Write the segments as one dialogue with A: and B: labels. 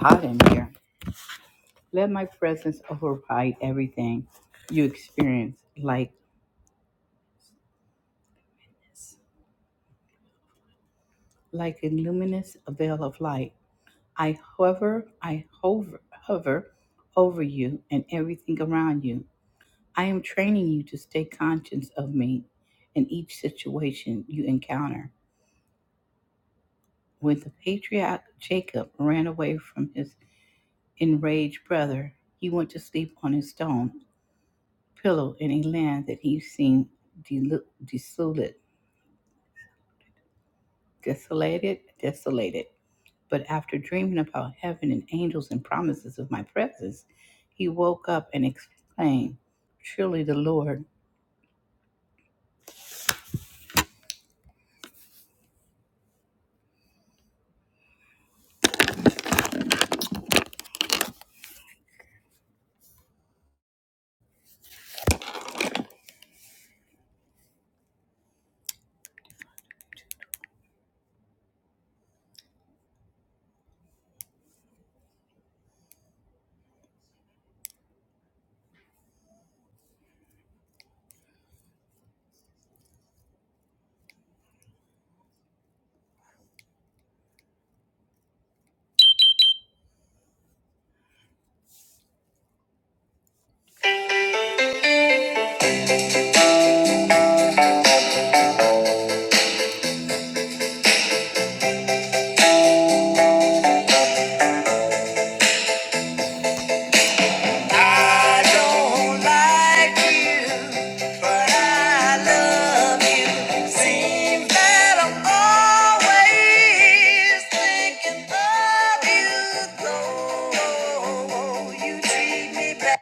A: hot in here. Let my presence override everything you experience, like like a luminous veil of light. I hover, I hover, hover over you and everything around you. I am training you to stay conscious of me in each situation you encounter. When the patriarch Jacob ran away from his enraged brother, he went to sleep on his stone pillow in a land that he seemed delu- desolate desolated, desolated. But after dreaming about heaven and angels and promises of my presence, he woke up and exclaimed, Surely the Lord. I don't like you, but I love you. Seems that I'm always thinking of you, though you treat me bad.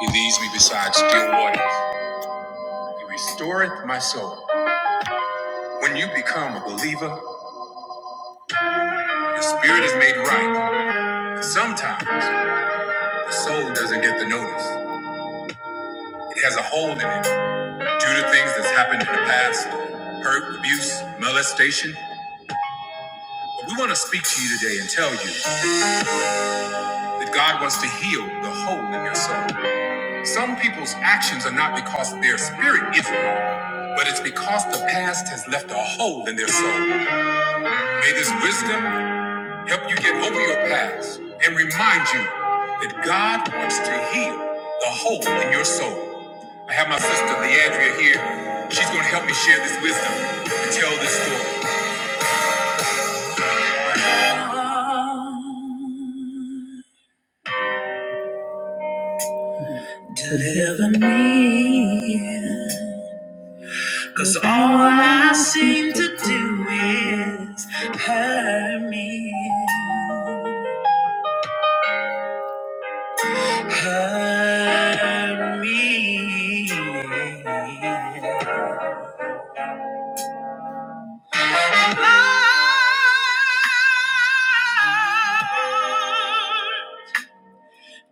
A: He leads me beside still waters. He restoreth my soul. When you become a believer, your spirit is made right. And sometimes the soul doesn't get the notice. It has a hole in it due to things that's happened in the past hurt, abuse, molestation. But we want to speak to you today and tell you that God wants to heal the hole in your soul. Some people's actions are not because their spirit is wrong, but it's because the past has left a hole in their soul. May this wisdom help you get over your past and remind you that God wants to heal the hole in your soul. I have my sister Leandria here. She's going to help me share this wisdom and tell this story. Cause all hurt me. Lord,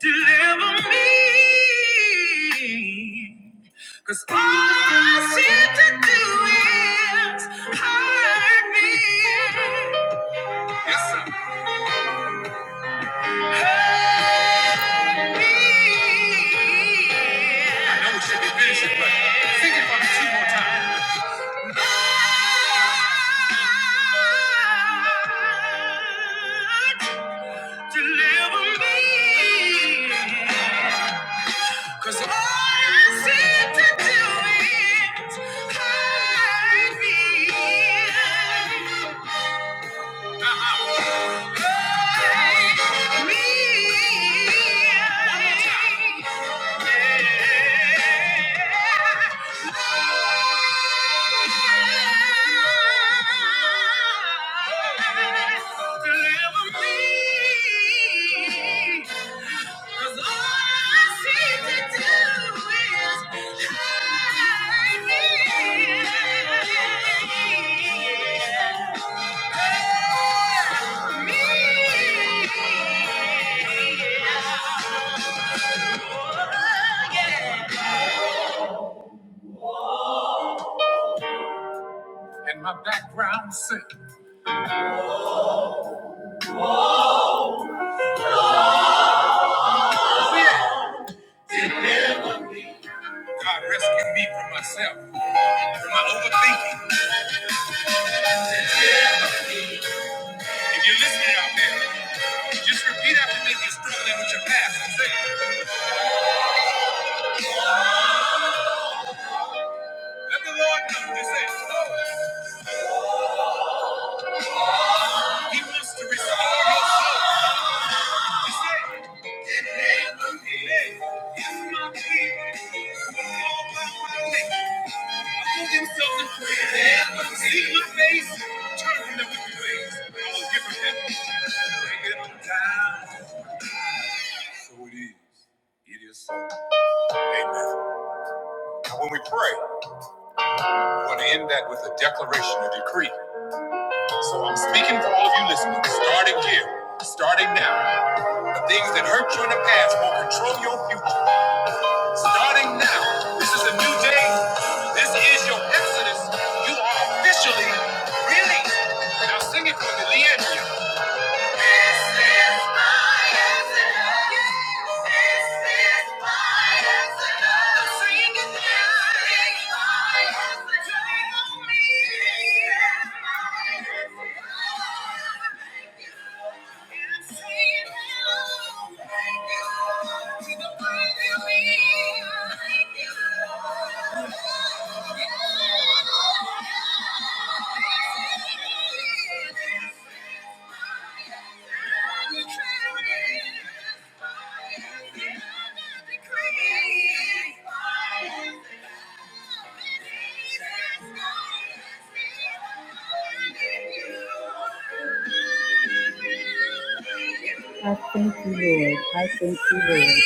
A: deliver me. Cause all I seem to do is hurt me. Yes, sir. Hurt me. I know we should be finishing, but sing it for me two more times. Lord, deliver me. Cause all I seem to do is hide me. Hide me. Deliver me. And my background sick. God rescued me from myself, from my overthinking. If you're listening out there, just repeat after me if you're struggling with your past and say. Let the Lord come, He said, "Oh, He wants to restore your soul. He said, "Hey, if my people who are called by my name humble themselves and pray, seek my face, turn from their wicked ways, I will give them heaven. Bring it on down." So it is. It is so. Amen. Now, when we pray, we want to end that with a declaration, a decree. So I'm speaking for all of you listening, starting here, starting now. The things that hurt you in the past will control your future. Starting now, this is a new day. This is your exodus. You are officially released. Now sing it for me, Leandria. Thank you. I thank you, Lord. I thank you, Lord.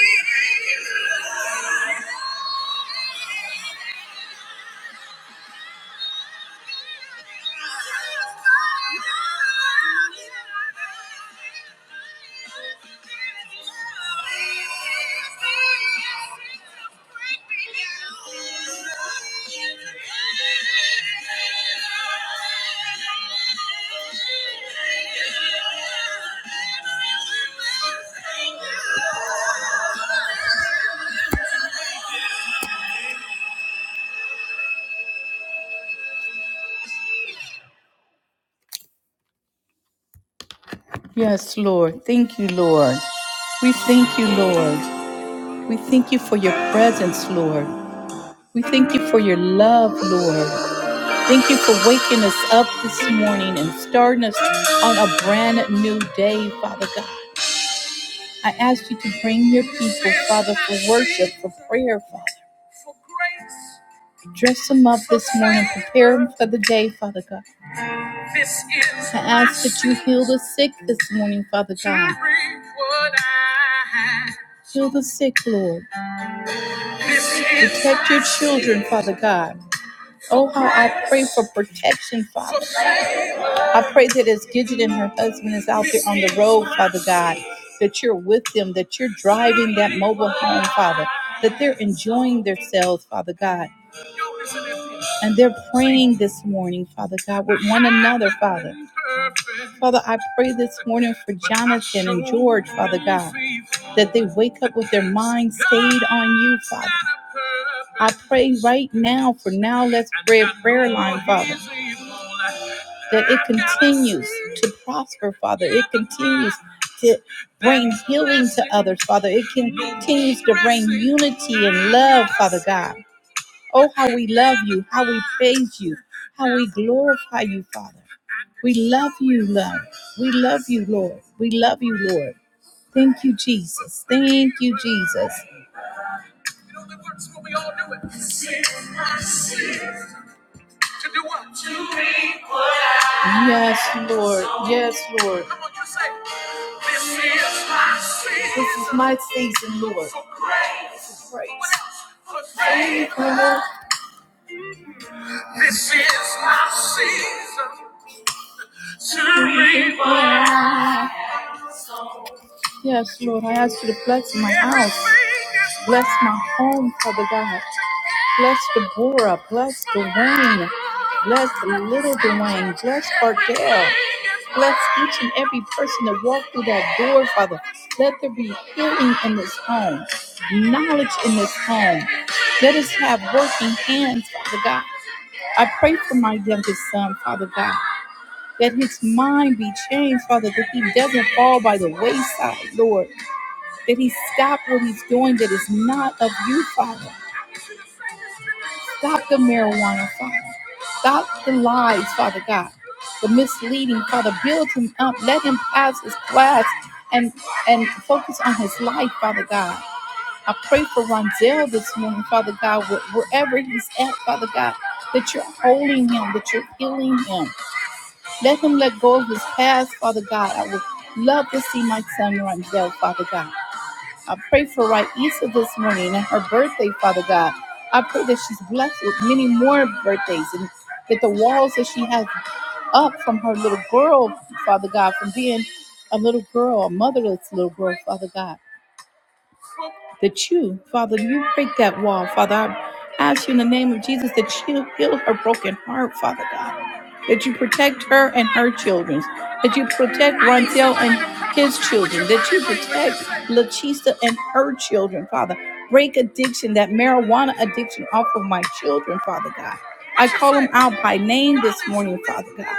A: Yes, Lord. Thank you, Lord. We thank you, Lord. We thank you for your presence, Lord. We thank you for your love, Lord. Thank you for waking us up this morning and starting us on a brand new day, Father God. I ask you to bring your people, Father, for worship, for prayer, Father. Dress them up this morning, prepare them for the day, Father God. I ask that you heal the sick this morning, Father God. Heal the sick, Lord. Protect your children, Father God. Oh, how I pray for protection, Father. I pray that as Gidget and her husband is out there on the road, Father God, that you're with them, that you're driving that mobile home, Father, that they're enjoying themselves, Father God. And they're praying this morning, Father God, with one another, Father. Father, I pray this morning for Jonathan and George, Father God, that they wake up with their mind stayed on you, Father. I pray right now for Now Let's Pray Prayer Line, Father that it continues to prosper, Father. It continues to bring healing to others, Father. It continues to bring unity and love, Father God. Oh, how we love you, how we praise you, how we glorify you, Father. We love you, Lord. We love you, Lord. We love you, Lord. Thank you, Jesus. Thank you, Jesus. To do what? To reap what I Yes, Lord. Sow. Yes, Lord. Come on, you say, This is my season. This is my season, Lord. For grace. For grace. For favor. This is my season. To reap what I- Yes, Lord, I ask you to bless my house. Bless my home, Father God. Bless Deborah. Bless Dwayne. Bless little Dwayne. Bless Cardell. Bless each and every person that walked through that door, Father. Let there be healing in this home, knowledge in this home. Let us have working hands, Father God. I pray for my youngest son, Father God, that his mind be changed, Father, that he doesn't fall by the wayside, Lord, that he stop what he's doing that is not of you, Father. Stop the marijuana, Father. Stop the lies, Father God. The misleading, Father. Build him up. Let him pass his class and and focus on his life, Father God. I pray for Ronzel this morning, Father God, wh- wherever he's at, Father God, that you're holding him, that you're healing him. Let him let go of his past, Father God. I would love to see my son Ronzel, Father God. I pray for Raisa this morning and her birthday, Father God. I pray that she's blessed with many more birthdays and that the walls that she has up from her little girl, Father God, from being a little girl, a motherless little girl, Father God that you, Father, you break that wall, Father. I ask you in the name of Jesus that you heal her broken heart, Father God. That you protect her and her children. That you protect Rontel and his children. That you protect Lachista and her children, Father. Break addiction, that marijuana addiction off of my children, Father God. I call them out by name this morning, Father God.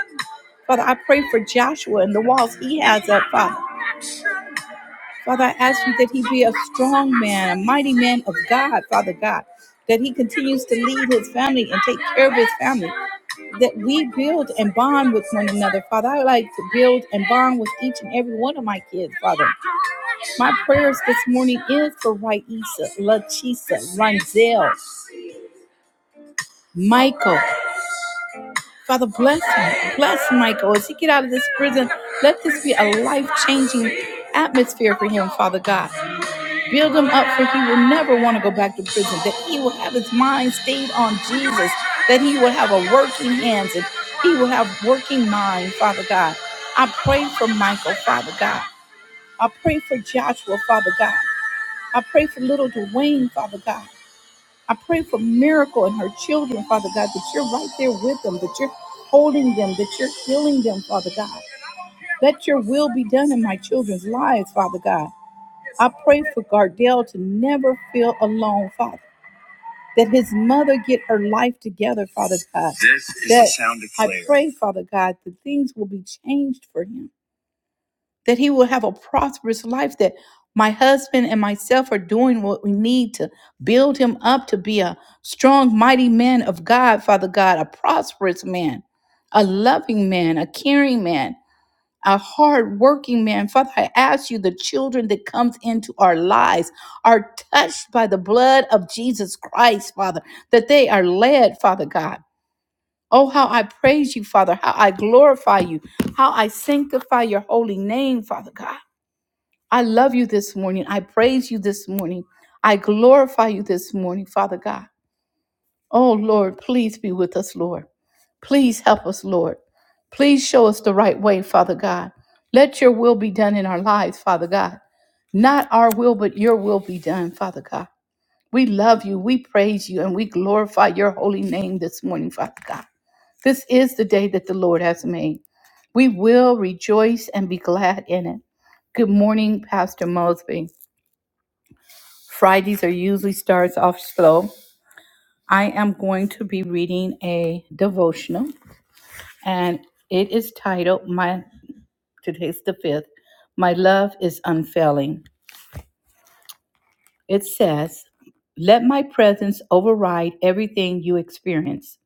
A: Father, I pray for Joshua and the walls he has up, Father. Father, I ask you that he be a strong man, a mighty man of God, Father God, that he continues to lead his family and take care of his family, that we build and bond with one another. Father, I like to build and bond with each and every one of my kids, Father. My prayers this morning is for Raisa, Lachisa, Ronzel, Michael. Father, bless him. Bless Michael as he get out of this prison. Let this be a life-changing atmosphere for him, Father God. Build him up for he will never want to go back to prison, that he will have his mind stayed on Jesus, that he will have a working hands and he will have working mind, Father God. I pray for Michael, Father God. I pray for Joshua, Father God. I pray for little Dwayne, Father God. I pray for miracle and her children, Father God, that you're right there with them, that you're holding them, that you're healing them, Father God. Let your will be done in my children's lives, Father God. I pray for Gardell to never feel alone, Father. That his mother get her life together, Father God. This is the that the sound of prayer. I pray, Father God, that things will be changed for him. That he will have a prosperous life. That my husband and myself are doing what we need to build him up to be a strong, mighty man of God, Father God, a prosperous man, a loving man, a caring man, a hard working man. Father, I ask you, the children that comes into our lives are touched by the blood of Jesus Christ, Father, that they are led, Father God. Oh, how I praise you, Father, how I glorify you, how I sanctify your holy name, Father God. I love you this morning. I praise you this morning. I glorify you this morning, Father God. Oh, Lord, please be with us, Lord. Please help us, Lord. Please show us the right way, Father God. Let your will be done in our lives, Father God. Not our will, but your will be done, Father God. We love you, we praise you, and we glorify your holy name this morning, Father God. This is the day that the Lord has made. We will rejoice and be glad in it. Good morning, Pastor Mosby. Fridays are usually starts off slow. I am going to be reading a devotional and it is titled my today's the fifth my love is unfailing it says let my presence override everything you experience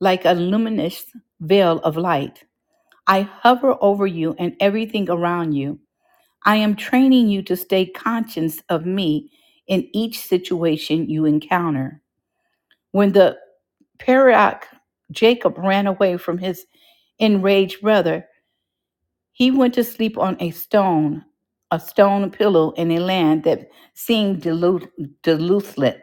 A: like a luminous veil of light i hover over you and everything around you i am training you to stay conscious of me in each situation you encounter when the Perioc jacob ran away from his enraged brother He went to sleep on a stone, a stone pillow in a land that seemed delu- desolate.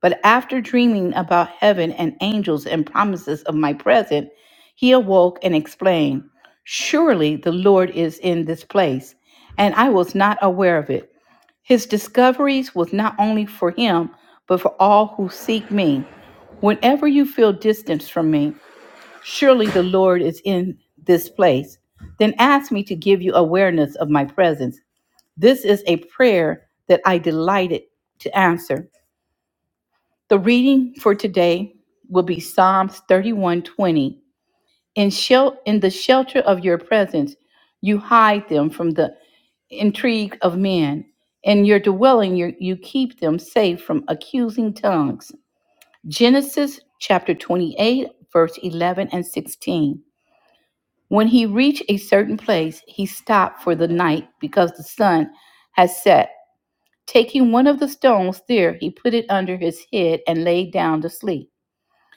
A: But after dreaming about heaven and angels and promises of my present, he awoke and exclaimed, Surely the Lord is in this place, and I was not aware of it. His discoveries was not only for him, but for all who seek me. Whenever you feel distance from me, Surely the Lord is in this place. Then ask me to give you awareness of my presence. This is a prayer that I delighted to answer. The reading for today will be Psalms 31:20. In shel- in the shelter of your presence, you hide them from the intrigue of men. In your dwelling, you you keep them safe from accusing tongues. Genesis chapter 28, verse 11 and 16. When he reached a certain place, he stopped for the night because the sun had set. Taking one of the stones there, he put it under his head and lay down to sleep.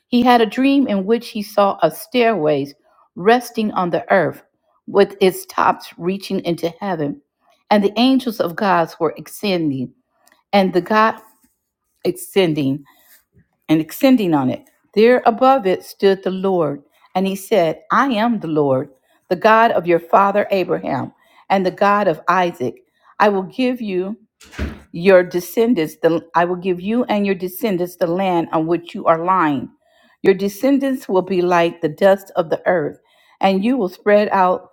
A: He had a dream in which he saw a stairway resting on the earth, with its tops reaching into heaven, and the angels of God were ascending, and the God ascending and extending on it. There above it stood the Lord, and he said, I am the Lord, the God of your father Abraham, and the God of Isaac. I will give you your descendants the I will give you and your descendants the land on which you are lying. Your descendants will be like the dust of the earth, and you will spread out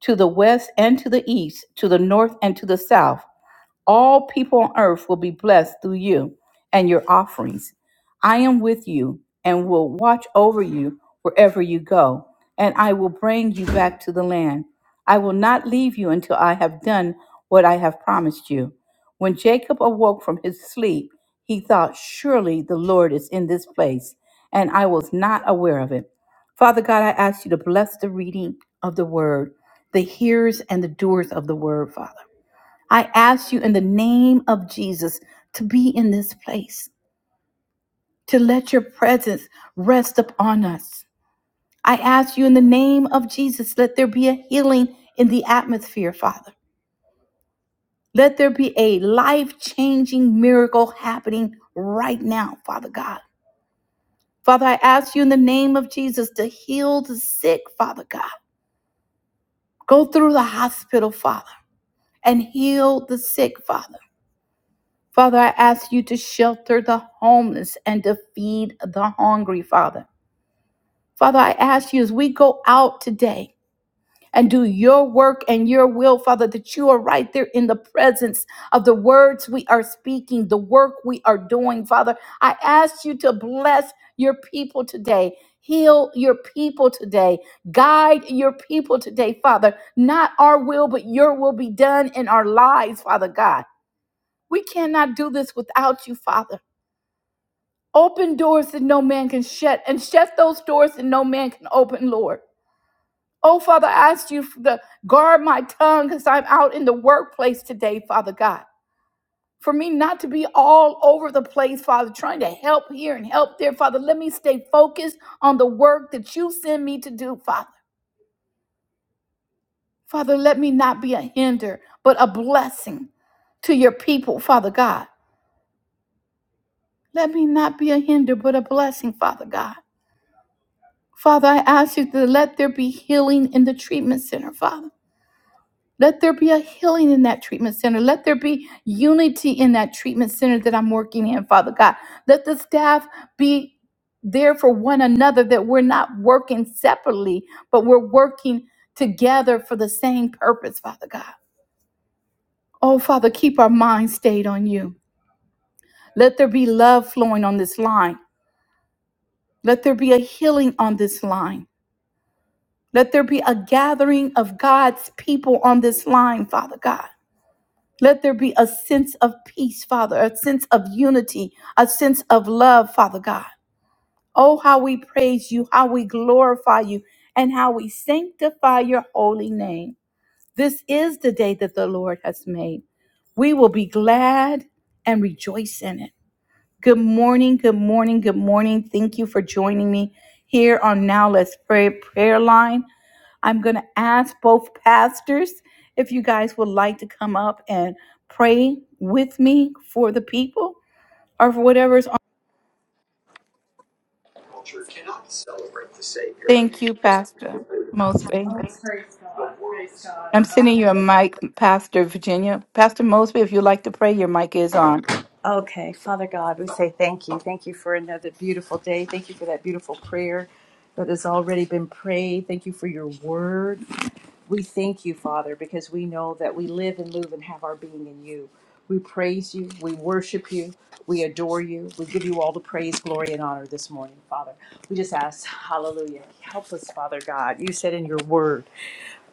A: to the west and to the east, to the north and to the south. All people on earth will be blessed through you and your offerings. I am with you and will watch over you wherever you go, and I will bring you back to the land. I will not leave you until I have done what I have promised you. When Jacob awoke from his sleep, he thought, Surely the Lord is in this place, and I was not aware of it. Father God, I ask you to bless the reading of the word, the hearers and the doers of the word, Father. I ask you in the name of Jesus to be in this place, to let your presence rest upon us. I ask you in the name of Jesus, let there be a healing in the atmosphere, Father. Let there be a life changing miracle happening right now, Father God. Father, I ask you in the name of Jesus to heal the sick, Father God. Go through the hospital, Father, and heal the sick, Father. Father, I ask you to shelter the homeless and to feed the hungry, Father. Father, I ask you as we go out today and do your work and your will, Father, that you are right there in the presence of the words we are speaking, the work we are doing, Father. I ask you to bless your people today. Heal your people today. Guide your people today, Father. Not our will, but your will be done in our lives, Father God. We cannot do this without you, Father. Open doors that no man can shut, and shut those doors that no man can open, Lord. Oh, Father, I ask you to guard my tongue because I'm out in the workplace today, Father God. For me not to be all over the place, Father, trying to help here and help there, Father. Let me stay focused on the work that you send me to do, Father. Father, let me not be a hinder, but a blessing to your people, Father God. Let me not be a hinder, but a blessing, Father God. Father, I ask you to let there be healing in the treatment center, Father. Let there be a healing in that treatment center. Let there be unity in that treatment center that I'm working in, Father God. Let the staff be there for one another, that we're not working separately, but we're working together for the same purpose, Father God. Oh, Father, keep our minds stayed on you. Let there be love flowing on this line. Let there be a healing on this line. Let there be a gathering of God's people on this line, Father God. Let there be a sense of peace, Father, a sense of unity, a sense of love, Father God. Oh, how we praise you, how we glorify you, and how we sanctify your holy name. This is the day that the Lord has made. We will be glad and rejoice in it. Good morning, good morning, good morning. Thank you for joining me here on Now Let's Pray Prayer Line. I'm going to ask both pastors if you guys would like to come up and pray with me for the people or for whatever's on. Thank you, Pastor Mosby. I'm sending you a mic, Pastor Virginia. Pastor Mosby, if you'd like to pray, your mic is on.
B: Okay, Father God, we say thank you. Thank you for another beautiful day. Thank you for that beautiful prayer that has already been prayed. Thank you for your word. We thank you, Father, because we know that we live and move and have our being in you. We praise you. We worship you. We adore you. We give you all the praise, glory, and honor this morning, Father. We just ask, hallelujah. Help us, Father God. You said in your word,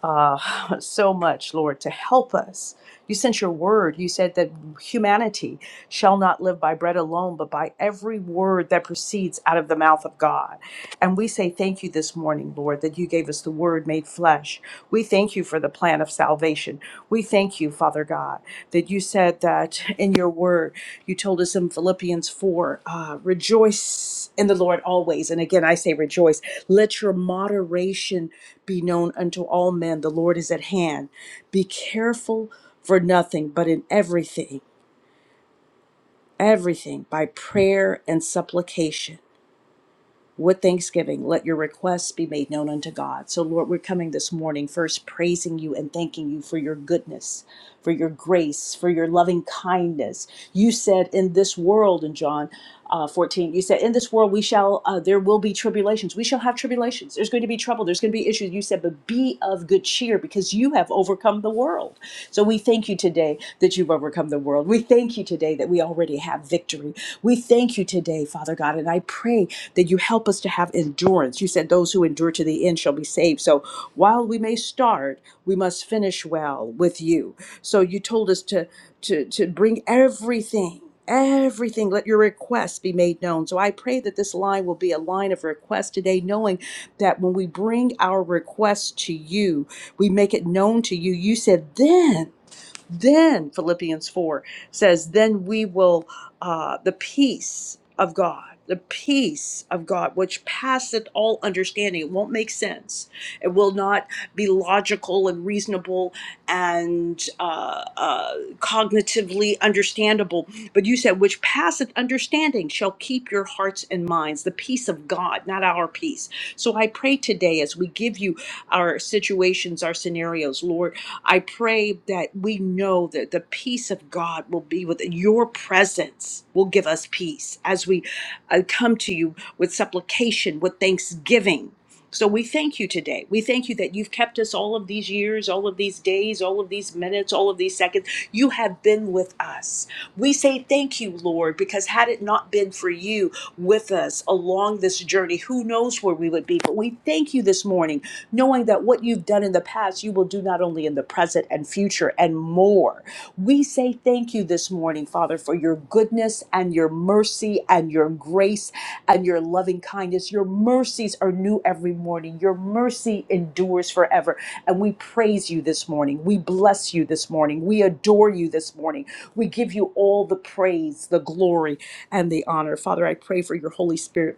B: uh, so much, Lord, to help us. You sent your word. You said that humanity shall not live by bread alone, but by every word that proceeds out of the mouth of God. And we say thank you this morning, Lord, that you gave us the word made flesh we thank you for the plan of salvation. We thank you, Father God, that you said that in your word, you told us in Philippians 4, uh, rejoice in the Lord always. And again, I say rejoice. Let your moderation be known unto all men. The Lord is at hand. Be careful for nothing, but in everything, everything by prayer and supplication with thanksgiving let your requests be made known unto god so lord we're coming this morning first praising you and thanking you for your goodness for your grace for your loving kindness you said in this world in john uh, 14 you said in this world we shall uh, there will be tribulations we shall have tribulations there's going to be trouble there's going to be issues you said but be of good cheer because you have overcome the world so we thank you today that you've overcome the world we thank you today that we already have have victory. We thank you today, Father God, and I pray that you help us to have endurance. You said those who endure to the end shall be saved. So while we may start, we must finish well with you. So you told us to to to bring everything Everything, let your requests be made known. So I pray that this line will be a line of request today, knowing that when we bring our requests to you, we make it known to you. You said, then then Philippians 4 says, then we will, uh, the peace of God, the peace of God, which passeth all understanding. It won't make sense. It will not be logical and reasonable and uh, uh, cognitively understandable. But you said, which passeth understanding shall keep your hearts and minds. The peace of God, not our peace. So I pray today as we give you our situations, our scenarios, Lord. I pray that we know that the peace of God will be with your presence will give us peace as we uh, come to you with supplication, with thanksgiving. So we thank you today. We thank you that you've kept us all of these years, all of these days, all of these minutes, all of these seconds. You have been with us. We say thank you, Lord, because had it not been for you with us along this journey, who knows where we would be. But we thank you this morning, knowing that what you've done in the past, you will do not only in the present and future and more. We say thank you this morning, Father, for your goodness and your mercy mercy and your grace and your loving kindness. Your mercies are new every morning. Your mercy endures forever. And we praise you this morning. We bless you this morning. We adore you this morning. We give you all the praise, the glory, and the honor. Father, I pray for your Holy Spirit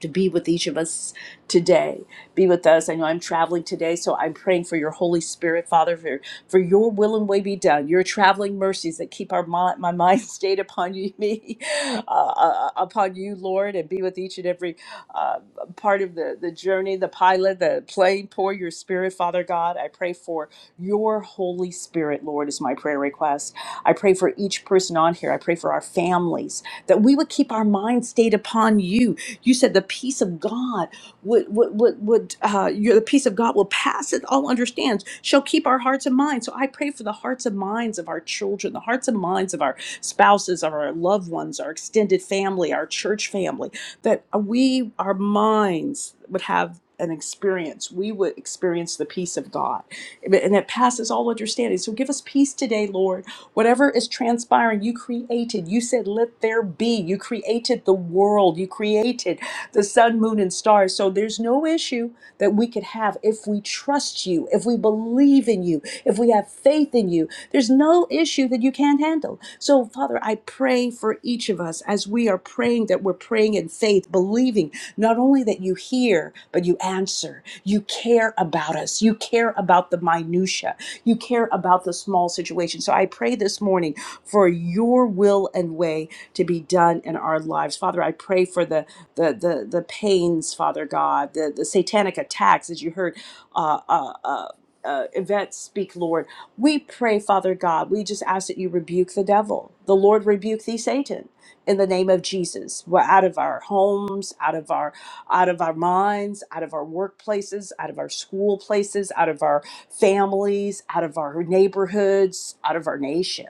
B: to be with each of us today. Be with us. I know I'm traveling today, so I'm praying for your Holy Spirit, Father, for, for your will and way be done, your traveling mercies that keep our mind, my mind stayed upon you, me, uh, uh, uh, upon you, Lord, and be with each and every uh, part of the, the journey, the pilot, the plane. Pour your Spirit, Father God. I pray for your Holy Spirit, Lord, is my prayer request. I pray for each person on here. I pray for our families that we would keep our mind stayed upon you. You said the peace of God would would would, would uh, your, the peace of God will pass it all understands, shall keep our hearts and minds. So I pray for the hearts and minds of our children, the hearts and minds of our spouses, of our loved ones, our extended family, our church family, that we, our minds would have an experience. We would experience the peace of God. And it passes all understanding. So give us peace today, Lord. Whatever is transpiring, you created. You said, Let there be. You created the world. You created the sun, moon, and stars. So there's no issue that we could have if we trust you, if we believe in you, if we have faith in you. There's no issue that you can't handle. So, Father, I pray for each of us as we are praying that we're praying in faith, believing not only that you hear, but you answer. You care about us. You care about the minutiae. You care about the small situation. So I pray this morning for your will and way to be done in our lives. Father, I pray for the the the, the pains, Father God, the, the satanic attacks, as you heard uh uh uh uh, Yvette speak, Lord. We pray, Father God, we just ask that you rebuke the devil. The Lord rebuke thee, Satan, in the name of Jesus. We're out of our homes, out of our out of our minds, out of our workplaces, out of our school places, out of our families, out of our neighborhoods, out of our nation.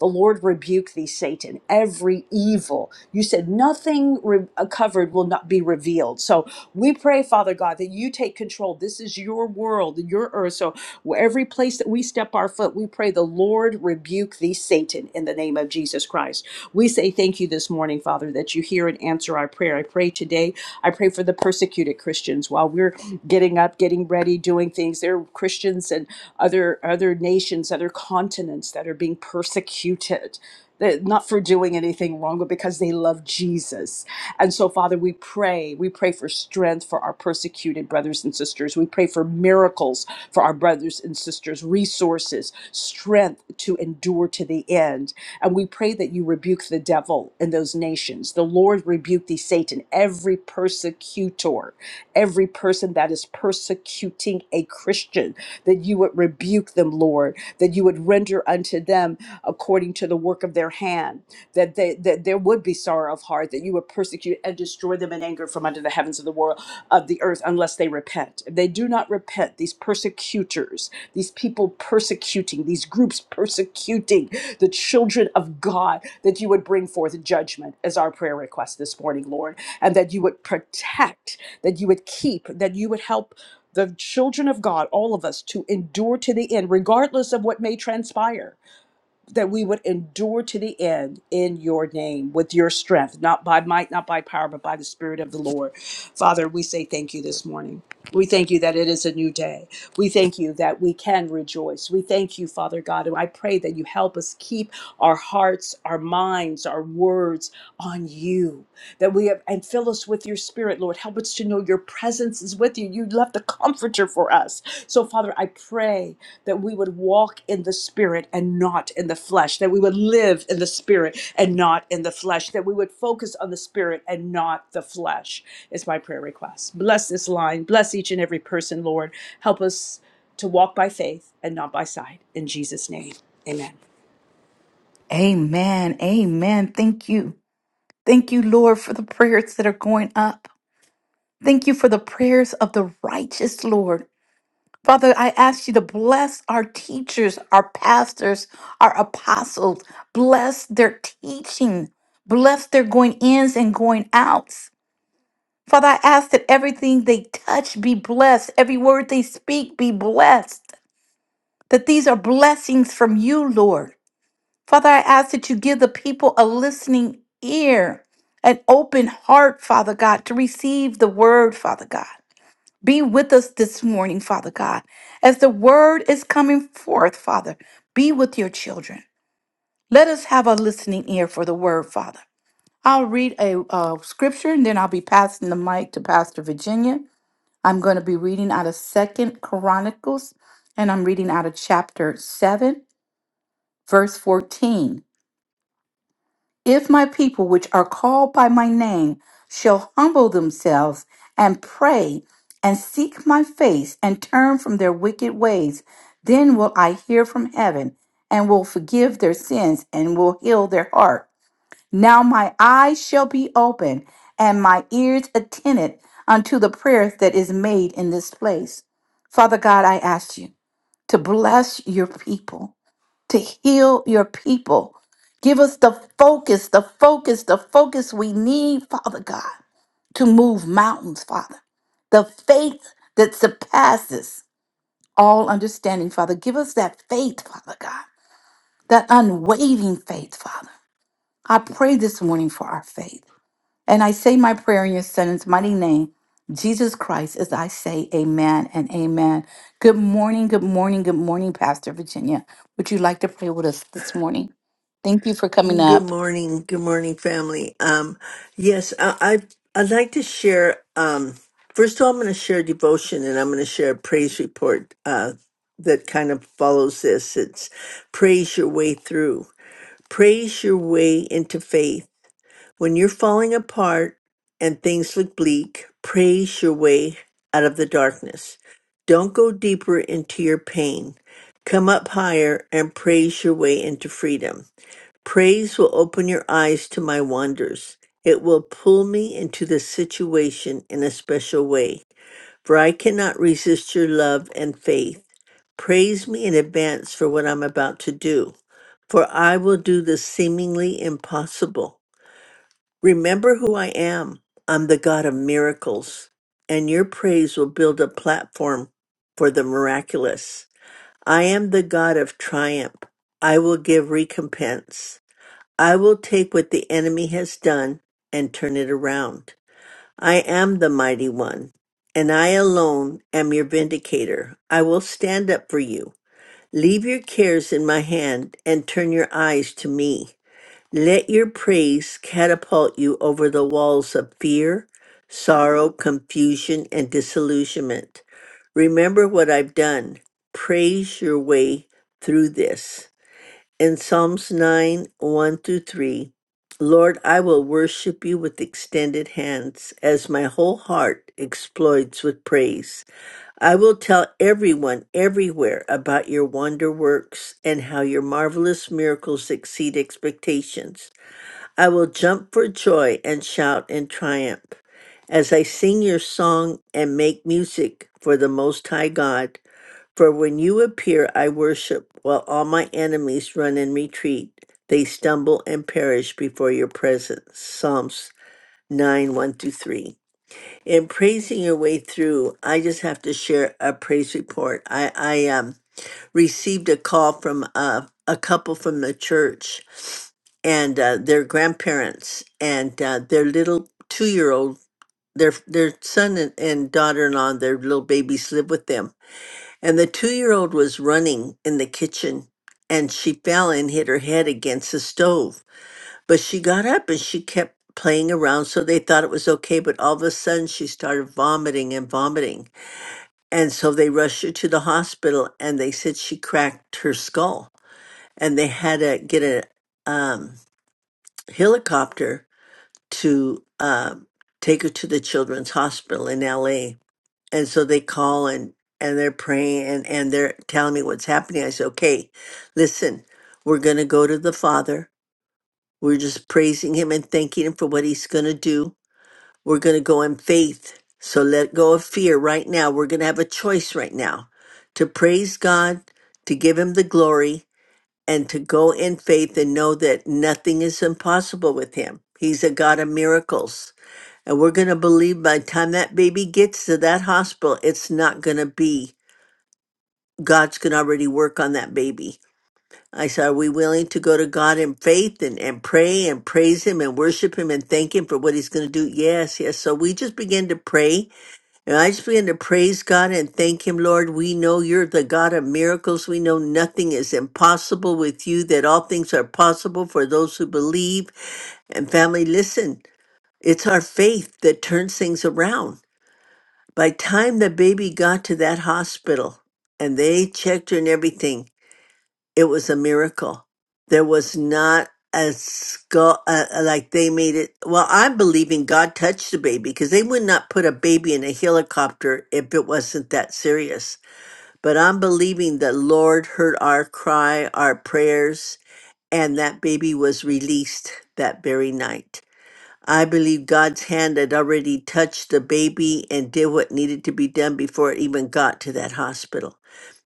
B: The Lord rebuke thee, Satan, every evil. You said nothing re- uh, covered will not be revealed. So we pray, Father God, that you take control. This is your world and your earth. So every place that we step our foot, we pray the Lord rebuke thee, Satan, in the name of Jesus Christ. We say thank you this morning, Father, that you hear and answer our prayer. I pray today I pray for the persecuted Christians while we're getting up, getting ready, doing things. There are Christians and other other nations, other continents that are being persecuted. That- Not for doing anything wrong, but because they love Jesus. And so, Father, we pray. We pray for strength for our persecuted brothers and sisters. We pray for miracles for our brothers and sisters, resources, strength to endure to the end. And we pray that you rebuke the devil in those nations. The Lord rebuke thee, Satan, every persecutor, every person that is persecuting a Christian, that you would rebuke them, Lord, that you would render unto them according to the work of their hand, that, they, that there would be would be sorrow of heart that you would persecute and destroy them in anger from under the heavens of the world of the earth unless they repent. If they do not repent, these persecutors, these people persecuting, these groups persecuting the children of God, that you would bring forth judgment as our prayer request this morning, Lord, and that you would protect, that you would keep, that you would help the children of God, all of us, to endure to the end, regardless of what may transpire that we would endure to the end in your name with your strength, not by might, not by power, but by the Spirit of the Lord. Father, we say thank you this morning. We thank you that it is a new day. We thank you that we can rejoice. We thank you, Father God, and I pray that you help us keep our hearts, our minds, our words on you. That we have and fill us with your spirit, Lord. Help us to know your presence is with you. You left the comforter for us. So, Father, I pray that we would would walk in the spirit and not in the flesh, that we would live in the spirit and not in the flesh, that we would focus on the spirit and not the flesh, is my prayer request. Bless this line. Bless each and every person, Lord. Help us to walk by faith and not by sight. In Jesus' name, amen.
A: Amen. Amen. Thank you. Thank you, Lord, for the prayers that are going up. Thank you for the prayers of the righteous, Lord. Father, I ask you to bless our teachers, our pastors, our apostles. Bless their teaching. Bless their going ins and going outs. Father, I ask that everything they touch be blessed, every word they speak be blessed, that these are blessings from you, Lord. Father, I ask that you give the people a listening ear, an open heart, Father God, to receive the word, Father God. Be with us this morning, Father God. As the word is coming forth, Father, be with your children. Let us have a listening ear for the word, Father. I'll read a uh, scripture and then I'll be passing the mic to Pastor Virginia. I'm going to be reading out of Second Chronicles and I'm reading out of chapter 7, verse 14. If my people, which are called by my name, shall humble themselves and pray and seek my face and turn from their wicked ways, then will I hear from heaven and will forgive their sins and will heal their heart. Now my eyes shall be open and my ears attentive unto the prayer that is made in this place. Father God, I ask you to bless your people to heal your people. Give us the focus, the focus, the focus we need, Father God, to move mountains, Father. The faith that surpasses all understanding, Father. Give us that faith, Father God, that unwavering faith, Father. I pray this morning for our faith. And I say my prayer in your son's mighty name, Jesus Christ, as I say amen and amen. Good morning, good morning, good morning, Pastor Virginia. Would you like to pray with us this morning? Thank you for coming
C: Good
A: up.
C: morning, good morning, family. Um, yes, I, I I'd like to share. Um, first of all, I'm going to share devotion, and I'm going to share a praise report uh, that kind of follows this. It's praise your way through, praise your way into faith when you're falling apart and things look bleak. Praise your way out of the darkness. Don't go deeper into your pain. Come up higher and praise your way into freedom. Praise will open your eyes to my wonders. It will pull me into the situation in a special way, for I cannot resist your love and faith. Praise me in advance for what I'm about to do, for I will do the seemingly impossible. Remember who I am. I'm the God of miracles, and your praise will build a platform for the miraculous. I am the God of triumph. I will give recompense. I will take what the enemy has done and turn it around. I am the mighty one, and I alone am your vindicator. I will stand up for you. Leave your cares in my hand and turn your eyes to me. Let your praise catapult you over the walls of fear, sorrow, confusion, and disillusionment. Remember what I've done. Praise your way through this in Psalms 9 1 through 3 Lord, I will worship you with extended hands as my whole heart explodes with praise. I will tell everyone everywhere about your wonder works and how your marvelous miracles exceed expectations. I will jump for joy and shout in triumph as I sing your song and make music for the Most High God. For when you appear, I worship, while all my enemies run and retreat. They stumble and perish before your presence. Psalms 9 1 through 3. In praising your way through, I just have to share a praise report. I, I um, received a call from uh, a couple from the church and uh, their grandparents and uh, their little two year old, their, their son and, and daughter in law, their little babies live with them and the two year old was running in the kitchen and she fell and hit her head against the stove. But she got up and she kept playing around. So they thought it was okay. But all of a sudden she started vomiting and vomiting. And so they rushed her to the hospital and they said she cracked her skull. And they had to get a um, helicopter to um take her to the children's hospital in LA and so they call and and they're praying and and they're telling me what's happening i said okay listen we're going to go to the father we're just praising him and thanking him for what he's going to do we're going to go in faith so let go of fear right now we're going to have a choice right now to praise god to give him the glory and to go in faith and know that nothing is impossible with him he's a god of miracles and we're going to believe by the time that baby gets to that hospital, it's not going to be. God's going to already work on that baby. I said, Are we willing to go to God in faith and, and pray and praise Him and worship Him and thank Him for what He's going to do? Yes, yes. So we just began to pray. And I just began to praise God and thank Him, Lord. We know you're the God of miracles. We know nothing is impossible with you, that all things are possible for those who believe. And family, listen, it's our faith that turns things around. By time the baby got to that hospital and they checked her and everything, it was a miracle. There was not a skull uh, uh, like they made it. Well, I'm believing God touched the baby because they would not put a baby in a helicopter if it wasn't that serious. But I'm believing the Lord heard our cry, our prayers, and that baby was released that very night. I believe God's hand had already touched the baby and did what needed to be done before it even got to that hospital.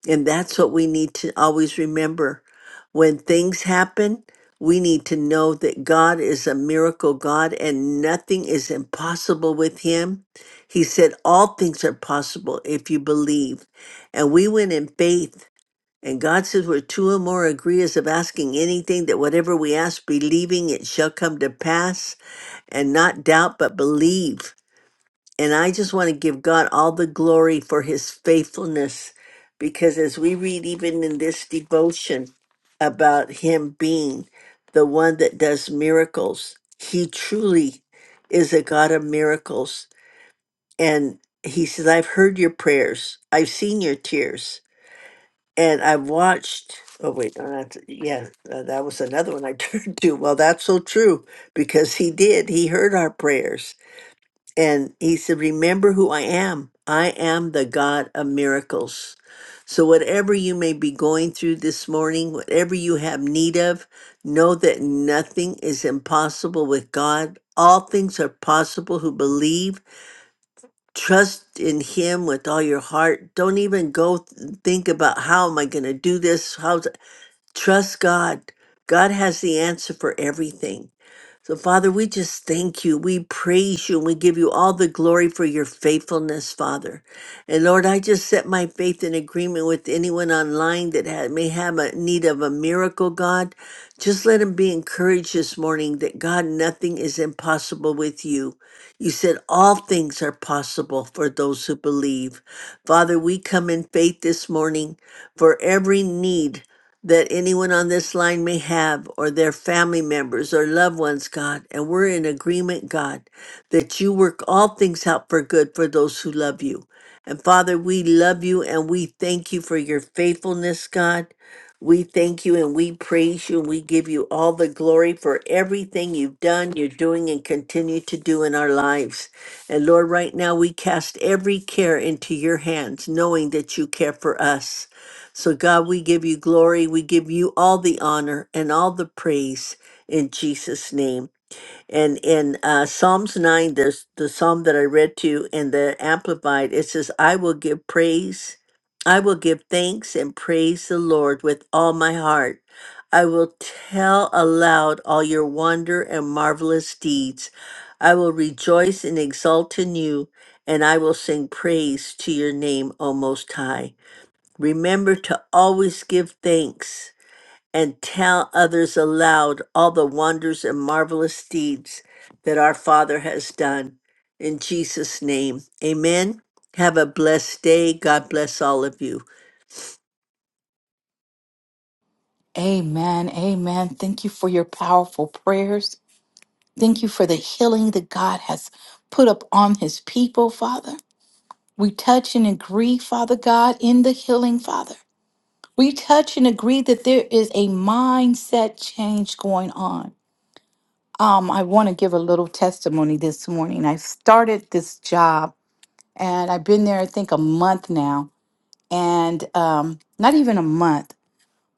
C: And that's what we need to always remember. When things happen, we need to know that God is a miracle God and nothing is impossible with Him. He said, All things are possible if you believe. And we went in faith. And God says, Where two or more agree as of asking anything, that whatever we ask, believing it shall come to pass and not doubt but believe. And I just want to give God all the glory for his faithfulness because as we read even in this devotion about him being the one that does miracles, he truly is a God of miracles. And he says, I've heard your prayers, I've seen your tears, and I've watched. Oh, wait, no, that's, yeah, uh, that was another one I turned to. Well, that's so true because he did, he heard our prayers and he said, Remember who I am. I am the God of miracles. So, whatever you may be going through this morning, whatever you have need of, know that nothing is impossible with God. All things are possible who believe. Trust in Him with all your heart. Don't even go th- think about how am I going to do this? How's Trust God. God has the answer for everything. So, Father, we just thank you. We praise you and we give you all the glory for your faithfulness, Father. And Lord, I just set my faith in agreement with anyone online that ha- may have a need of a miracle, God. Just let them be encouraged this morning that, God, nothing is impossible with you. You said all things are possible for those who believe. Father, we come in faith this morning for every need that anyone on this line may have, or their family members or loved ones, God. And we're in agreement, God, that you work all things out for good for those who love you. And Father, we love you and we thank you for your faithfulness, God. We thank you and we praise you and we give you all the glory for everything you've done, you're doing, and continue to do in our lives. And Lord, right now we cast every care into your hands, knowing that you care for us. So, God, we give you glory. We give you all the honor and all the praise in Jesus' name. And in uh, Psalms 9, there's the psalm that I read to you in the Amplified, it says, I will give praise. I will give thanks and praise the Lord with all my heart. I will tell aloud all your wonder and marvelous deeds. I will rejoice and exult in you, and I will sing praise to your name, O Most High. Remember to always give thanks and tell others aloud all the wonders and marvelous deeds that our Father has done. In Jesus' name, amen. Have a blessed day. God bless all of you.
A: Amen, amen. Thank you for your powerful prayers. Thank you for the healing that God has put up on his people, Father. We touch and agree, Father God, in the healing, Father. We touch and agree that there is a mindset change going on Um, I want to give a little testimony this morning. I started this job and I've been there, I think, a month now, and um, not even a month,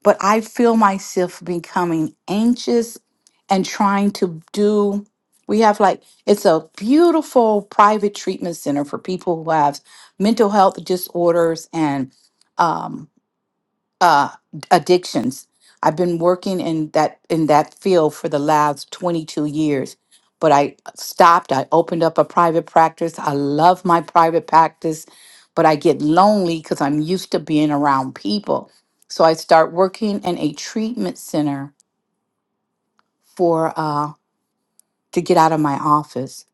A: but I feel myself becoming anxious and trying to do. We have like, it's a beautiful private treatment center for people who have mental health disorders and um, uh, addictions. I've been working in that in that field for the last 22 years, but I stopped. I opened up a private practice. I love my private practice, but I get lonely because I'm used to being around people. So I start working in a treatment center for uh, to get out of my office.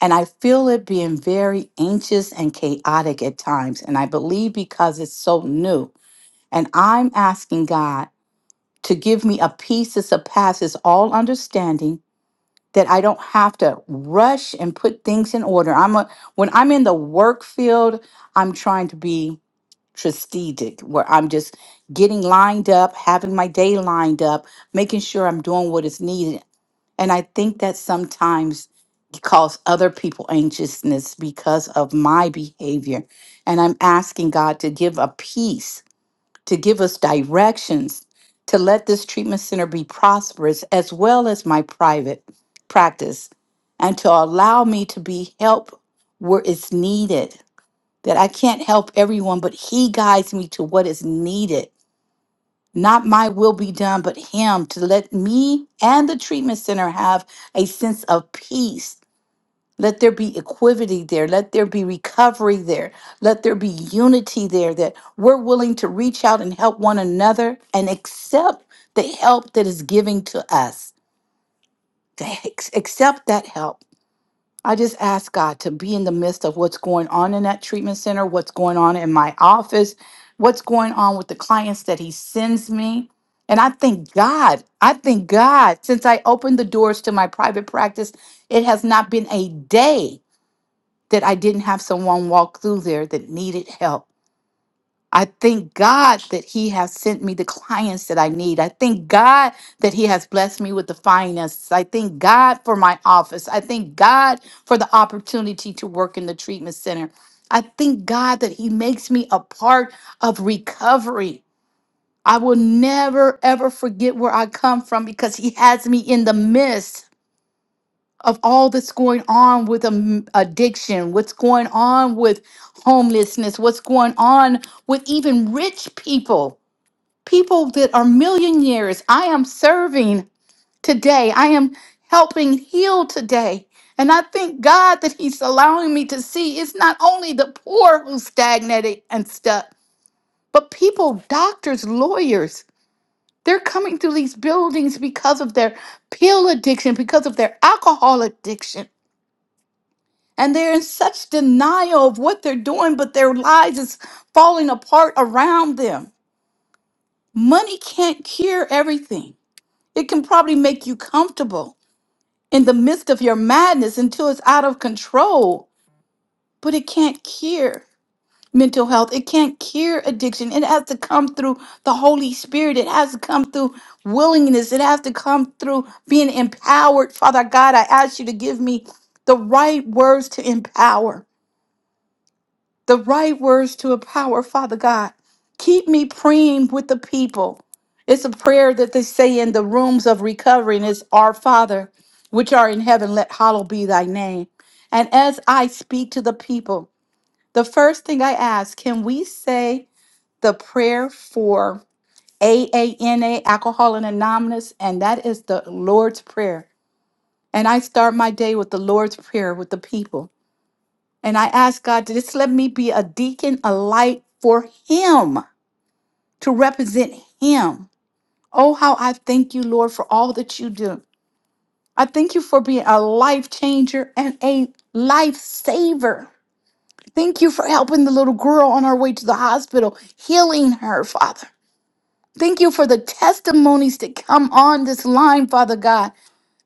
A: And I feel it being very anxious and chaotic at times. And I believe because it's so new. And I'm asking God to give me a peace that surpasses all understanding that I don't have to rush and put things in order. I'm a, when I'm in the work field, I'm trying to be strategic where I'm just getting lined up, having my day lined up, making sure I'm doing what is needed. And I think that sometimes causes other people anxiousness because of my behavior. And I'm asking God to give a peace to give us directions to let this treatment center be prosperous as well as my private practice and to allow me to be help where it's needed that I can't help everyone but he guides me to what is needed not my will be done but him to let me and the treatment center have a sense of peace let there be equity there. Let there be recovery there. Let there be unity there that we're willing to reach out and help one another and accept the help that is giving to us. To ex- Accept that help. I just ask God to be in the midst of what's going on in that treatment center, what's going on in my office, what's going on with the clients that He sends me. And I thank God. I thank God. Since I opened the doors to my private practice, it has not been a day that I didn't have someone walk through there that needed help. I thank God that He has sent me the clients that I need. I thank God that He has blessed me with the finances. I thank God for my office. I thank God for the opportunity to work in the treatment center. I thank God that He makes me a part of recovery. I will never, ever forget where I come from because He has me in the midst of all that's going on with um, addiction, what's going on with homelessness, what's going on with even rich people, people that are millionaires. I am serving today, I am helping heal today. And I thank God that He's allowing me to see it's not only the poor who's stagnated and stuck, but people, doctors, lawyers, they're coming through these buildings because of their pill addiction, because of their alcohol addiction and they're in such denial of what they're doing, but their lives is falling apart around them. Money can't cure everything. It can probably make you comfortable in the midst of your madness until it's out of control, but it can't cure mental health. It can't cure addiction. It has to come through the Holy Spirit. It has to come through willingness. It has to come through being empowered. Father God, I ask you to give me the right words to empower the right words to empower, Father God. Keep me praying with the people. It's a prayer that they say in the rooms of recovery, and it's Our Father, which are in heaven, let hallowed be thy name. And as I speak to the people, the first thing I ask, can we say the prayer for AANA, Alcohol and Anonymous? And that is the Lord's Prayer. And I start my day with the Lord's Prayer with the people. And I ask God to just let me be a deacon, a light for Him, to represent Him. Oh, how I thank you, Lord, for all that you do. I thank you for being a life changer and a lifesaver. Thank you for helping the little girl on her way to the hospital, healing her, Father. Thank you for the testimonies that come on this line, Father God.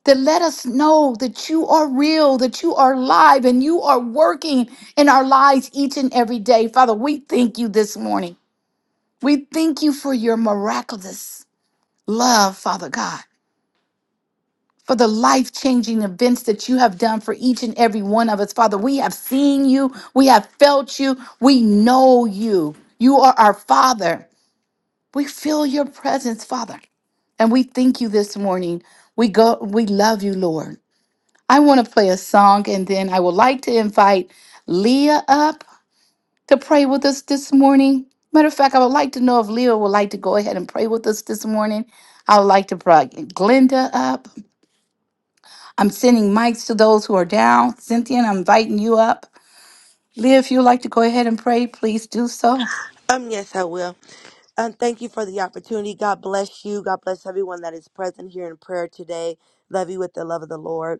A: that let us know that you are real, that you are live, and you are working in our lives each and every day. Father, we thank you this morning. We thank you for your miraculous love, Father God, for the life changing events that you have done for each and every one of us. Father, we have seen you, we have felt you, we know you. You are our Father. We feel your presence, Father. And we thank you this morning. We go we love you, Lord. I want to play a song and then I would like to invite Leah up to pray with us this morning. Matter of fact, I would like to know if Leah would like to go ahead and pray with us this morning. I would like to bring Glenda up. I'm sending mics to those who are down. Cynthia, I'm inviting you up. Leah, if you'd like to go ahead and pray, please do so.
D: Um, yes, I will. Um, thank you for the opportunity. God bless you. God bless everyone that is present here in prayer today. Love you with the love of the Lord.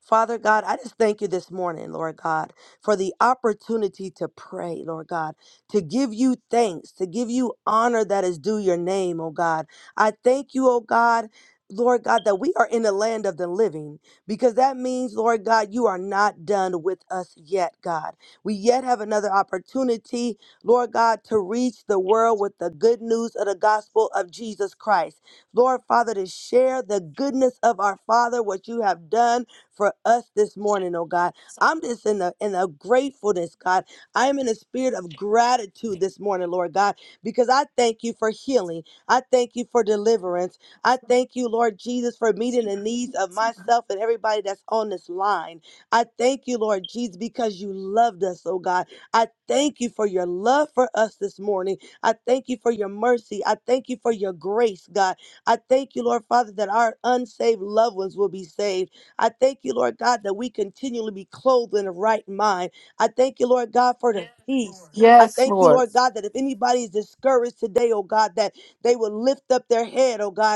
D: Father God, I just thank you this morning, Lord God, for the opportunity to pray, Lord God, to give you thanks, to give you honor that is due your name, oh God. I thank you, oh God. Lord God, that we are in the land of the living because that means, Lord God, you are not done with us yet, God. We yet have another opportunity, Lord God, to reach the world with the good news of the gospel of Jesus Christ. Lord Father, to share the goodness of our Father, what you have done for us this morning, oh God. I'm just in a in a gratefulness, God. I am in a spirit of gratitude this morning, Lord God, because I thank you for healing. I thank you for deliverance. I thank you, Lord Jesus, for meeting the needs of myself and everybody that's on this line. I thank you, Lord Jesus, because you loved us, oh God. I thank you for your love for us this morning. I thank you for your mercy. I thank you for your grace, God. I thank you, Lord Father, that our unsaved loved ones will be saved. I thank you, Lord God, that we continually be clothed in a right mind. I thank you, Lord God, for the Yes, peace. Lord. I thank you, Lord God, that if anybody is discouraged today, oh God, that they will lift up their head, oh God,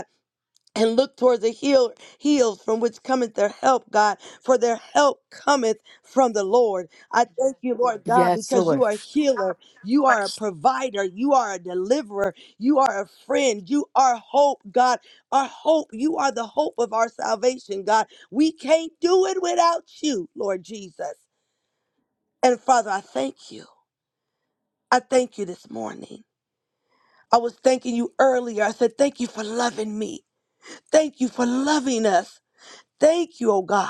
D: and look towards the hill, hills from which cometh their help, God, for their help cometh from the Lord. I thank you, Lord God,
A: Yes,
D: because you
A: Lord.
D: are a healer, you are a provider, you are a deliverer, you are a friend, you are hope, God. Our hope, you are the hope of our salvation, God. We can't do it without you, Lord Jesus. And Father, I thank you. I thank you this morning. I was thanking you earlier. I said, Thank you for loving me. Thank you for loving us. Thank you, oh God.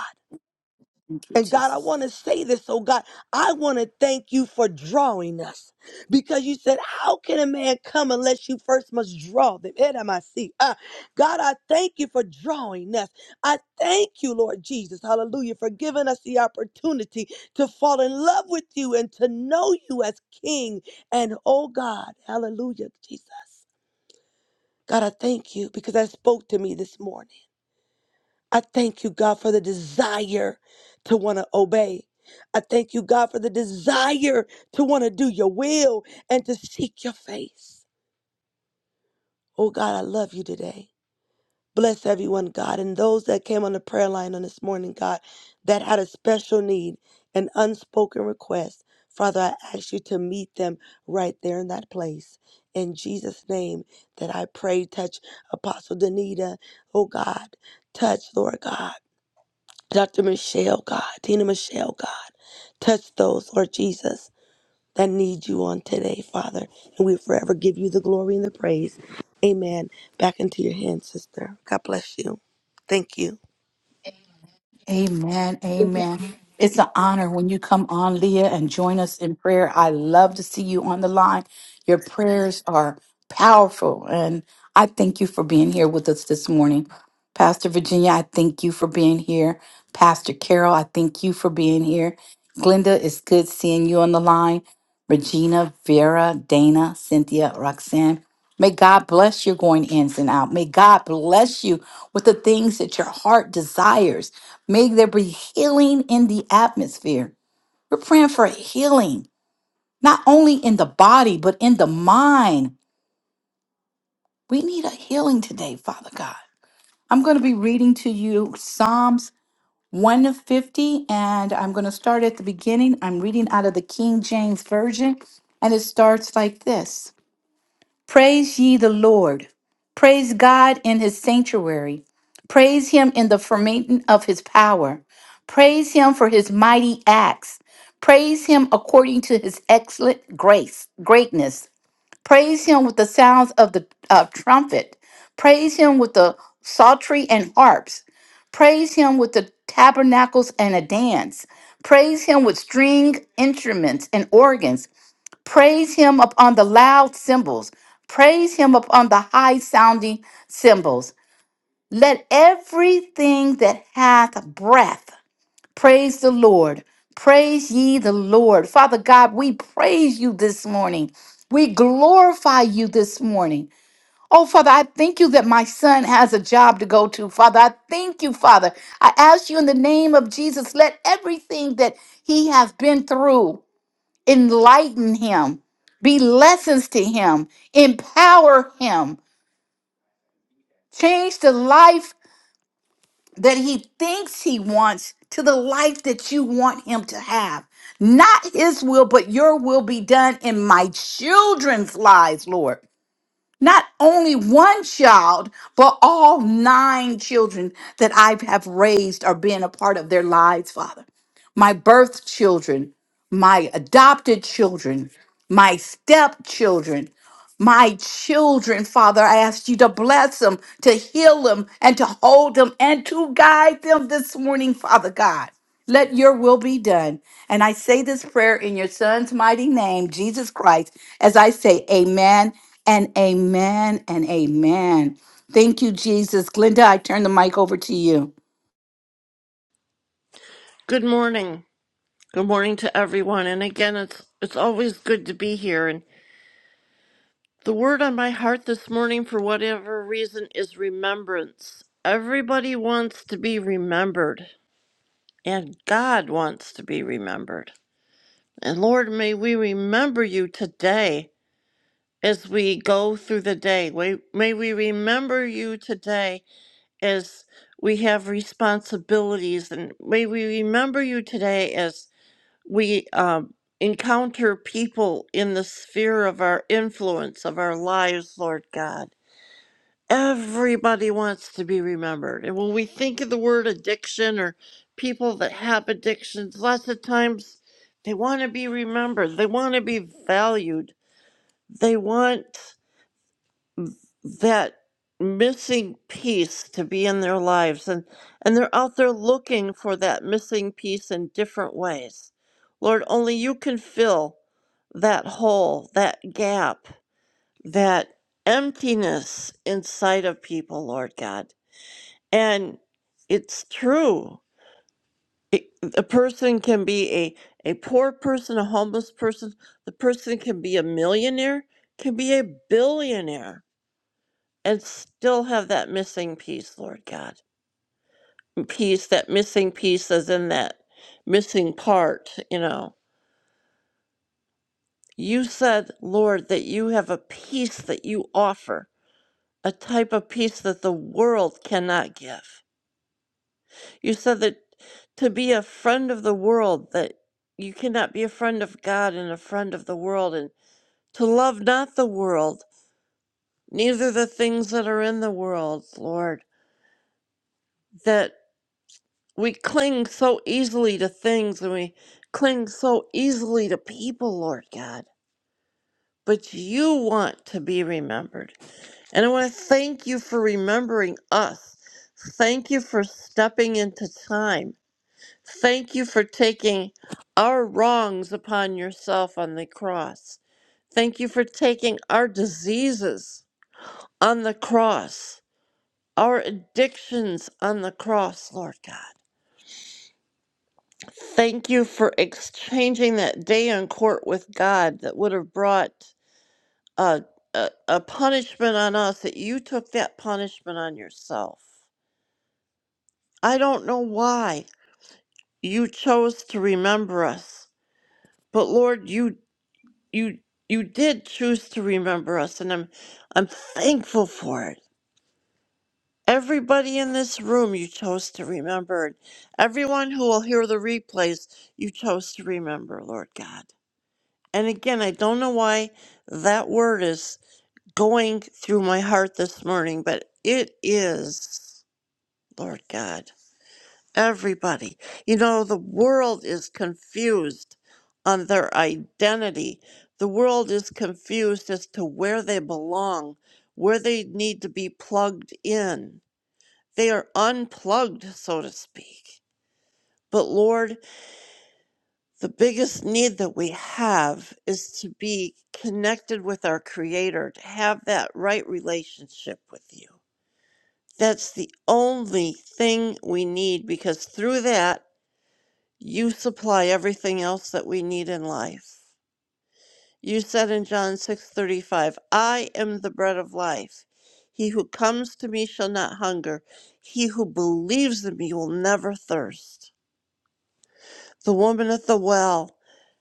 A: Thank you,
D: And God, I
A: Jesus.
D: want to say this, oh God, I want to thank you for drawing us because you said, How can a man come unless you first must draw them? Head on my seat. Uh, God, I thank you for drawing us. I thank you, Lord Jesus, hallelujah, for giving us the opportunity to fall in love with you and to know you as King. And oh God, hallelujah, Jesus. God, I thank you because I spoke to me this morning. I thank you, God, for the desire to want to obey. I thank you, God, for the desire to want to do your will and to seek your face. Oh, God, I love you today. Bless everyone, God, and those that came on the prayer line on this morning, God, that had a special need, an unspoken request. Father, I ask you to meet them right there in that place. In Jesus' name, that I pray, touch Apostle Danita, oh God, touch, Lord God. Dr. Michelle, God, Tina Michelle, God, touch those, Lord Jesus, that need you on today, Father. And we forever give you the glory and the praise. Amen. Back into your hands, sister. God bless you. Thank you.
A: Amen. Amen. It's an honor when you come on, Leah, and join us in prayer. I love to see you on the line. Your prayers are powerful. And I thank you for being here with us this morning. Pastor Virginia, I thank you for being here. Pastor Carol, I thank you for being here. Glenda, it's good seeing you on the line. Regina, Vera, Dana, Cynthia, Roxanne. May God bless your going ins and out. May God bless you with the things that your heart desires. May there be healing in the atmosphere. We're praying for healing, not only in the body, but in the mind. We need a healing today, Father God. I'm going to be reading to you Psalms 1 to 50, and I'm going to start at the beginning. I'm reading out of the King James Version, and it starts like this. Praise ye the Lord. Praise God in his sanctuary. Praise him in the firmament of his power. Praise him for his mighty acts. Praise him according to his excellent grace, greatness. Praise him with the sounds of the uh, trumpet. Praise him with the psaltery and harps. Praise him with the tabernacles and a dance. Praise him with string instruments and organs Praise him upon the loud cymbals. Praise him upon the high sounding cymbals. Let everything that hath breath praise the Lord. Praise ye the Lord. Father God, we praise you this morning. We glorify you this morning. Oh, Father, I thank you that my son has a job to go to. Father, I thank you, Father. I ask you in the name of Jesus, let everything that he has been through enlighten him, be lessons to him, empower him, change the life that he thinks he wants to the life that you want him to have. Not his will, but your will be done in my children's lives, Lord. not only one child, but all nine children that I have raised are being a part of their lives, Father. My birth children, my adopted children, my stepchildren my children, Father. I ask you to bless them, to heal them, and to hold them, and to guide them this morning, Father God. Let your will be done. And I say this prayer in your son's mighty name, Jesus Christ, as I say, Amen and Amen and Amen. Thank you, Jesus. Glenda, I turn the mic over to you.
E: Good morning. Good morning to everyone. And again, it's it's always good to be here. And the word on my heart this morning for whatever reason is remembrance. Everybody wants to be remembered, and God wants to be remembered. And Lord, may we remember you today as we go through the day. May may we remember you today as we have responsibilities and may we remember you today as. we um, encounter people in the sphere of our influence, of our lives, Lord God. Everybody wants to be remembered. And when we think of the word addiction or people that have addictions, lots of times they want to be remembered, they want to be valued, they want that missing piece to be in their lives and and they're out there looking for that missing piece in different ways lord only you can fill that hole that gap that emptiness inside of people lord god and it's true it, a person can be a a poor person a homeless person the person can be a millionaire can be a billionaire and still have that missing piece, Lord God. Piece, that missing piece is in that missing part, you know. You said, Lord, that you have a peace that you offer, a type of peace that the world cannot give. You said that to be a friend of the world, that you cannot be a friend of God and a friend of the world, and to love not the world, neither the things that are in the world, Lord. That. We cling so easily to things and we cling so easily to people, Lord God. But you want to be remembered. And I want to thank you for remembering us. Thank you for stepping into time. Thank you for taking our wrongs upon yourself on the cross. Thank you for taking our diseases on the cross, our addictions on the cross, Lord God. Thank you for exchanging that day in court with God that would have brought a, a, a punishment on us, that you took that punishment on yourself. I don't know why you chose to remember us, but Lord, you you you did choose to remember us, and I'm I'm thankful for it. Everybody in this room you chose to remember. Everyone who will hear the replays, you chose to remember, Lord God. And again, I don't know why that word is going through my heart this morning, but it is, Lord God, everybody. You know, the world is confused on their identity. The world is confused as to where they belong, where they need to be plugged in. They are unplugged, so to speak. But Lord, the biggest need that we have is to be connected with our creator to have that right relationship with you that's the only thing we need because through that you supply everything else that we need in life you said in john 6:35 i am the bread of life he who comes to me shall not hunger he who believes in me will never thirst the woman at the well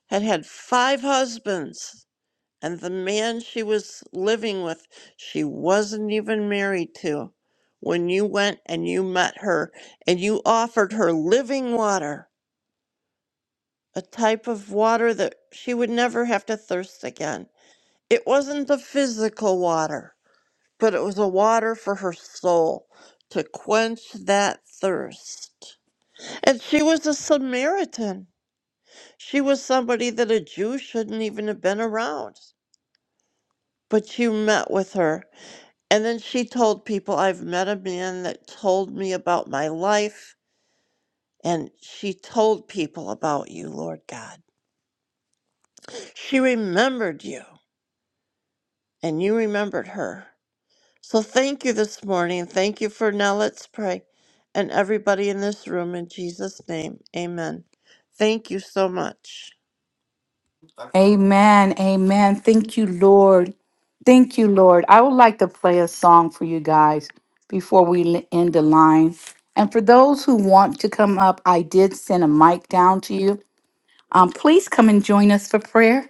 E: had had five husbands and the man she was living with, she wasn't even married to, when you went and you met her and you offered her living water, a type of water that she would never have to thirst again. It wasn't the physical water, but it was a water for her soul to quench that thirst. And she was a Samaritan. She was somebody that a Jew shouldn't even have been around. But you met with her And then she told people, I've met a man that told me about my life. And she told people about you, Lord God. She remembered you, and you remembered her. So thank you this morning. Thank you for now. Let's pray. And everybody in this room, in Jesus' name, amen. Thank you so much.
A: Amen. Amen. Thank you, Lord. Thank you, Lord. I would like to play a song for you guys before we l- end the line. And for those who want to come up, I did send a mic down to you. Um, please come and join us for prayer.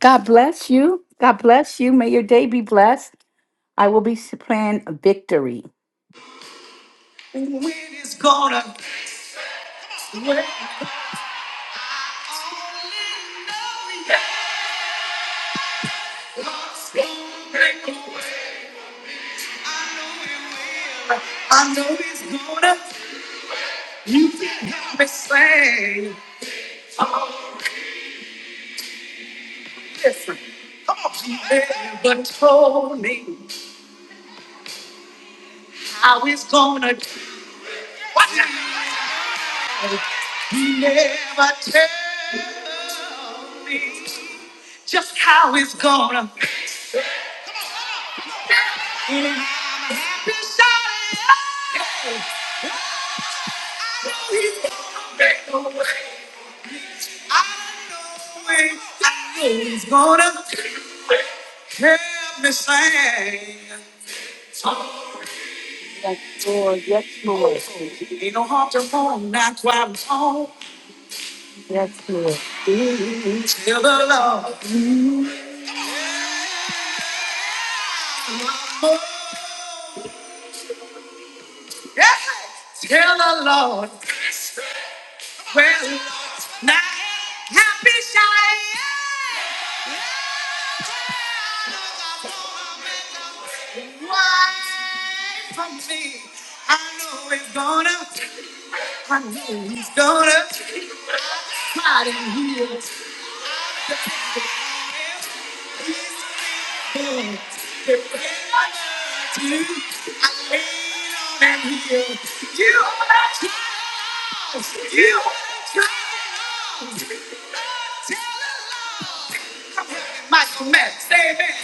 A: God bless you. God bless you. May your day be blessed. I will be s- playing victory. When it's gonna, I know it's gonna, you can have me say, never told me how it's gonna do. Watch out. He never tell me just how it's gonna be. And I'm happy shouting. He's gonna make a way. I know it. I know he's gonna help me sing. Yes, Lord. Yes, Lord. Ain't no harm to home. That's why I'm home. Yes, Lord. Still the Lord. Tell the Lord, well, now happy shall I am. Why from me? I know it's gonna, I know he's gonna fight and heal. And you, I lean on and heal. You are the child, you are the child. Michael Max, say amen.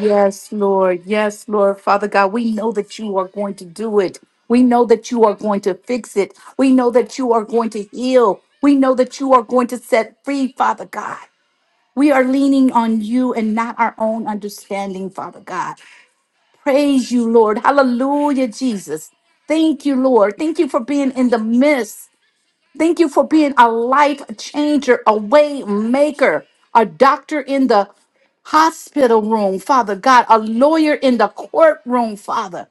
A: Yes, Lord. Yes, Lord. Father God, we know that you are going to do it. We know that you are going to fix it. We know that you are going to heal. We know that you are going to set free, Father God. We are leaning on you and not our own understanding, Father God. Praise you, Lord. Hallelujah, Jesus. Thank you, Lord. Thank you for being in the midst. Thank you for being a life changer, a way maker, a doctor in the hospital room, Father God, a lawyer in the courtroom, Father,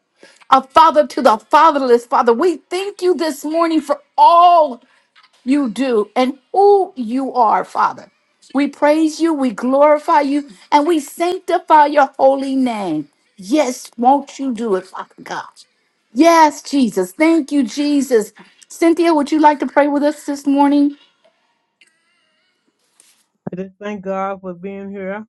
A: a father to the fatherless, Father. We thank you this morning for all you do and who you are, Father. We praise you, we glorify you, and we sanctify your holy name. Yes, won't you do it, Father God? Yes, Jesus. Thank you, Jesus. Cynthia, would you like to pray with us this morning?
F: I just thank God for being here,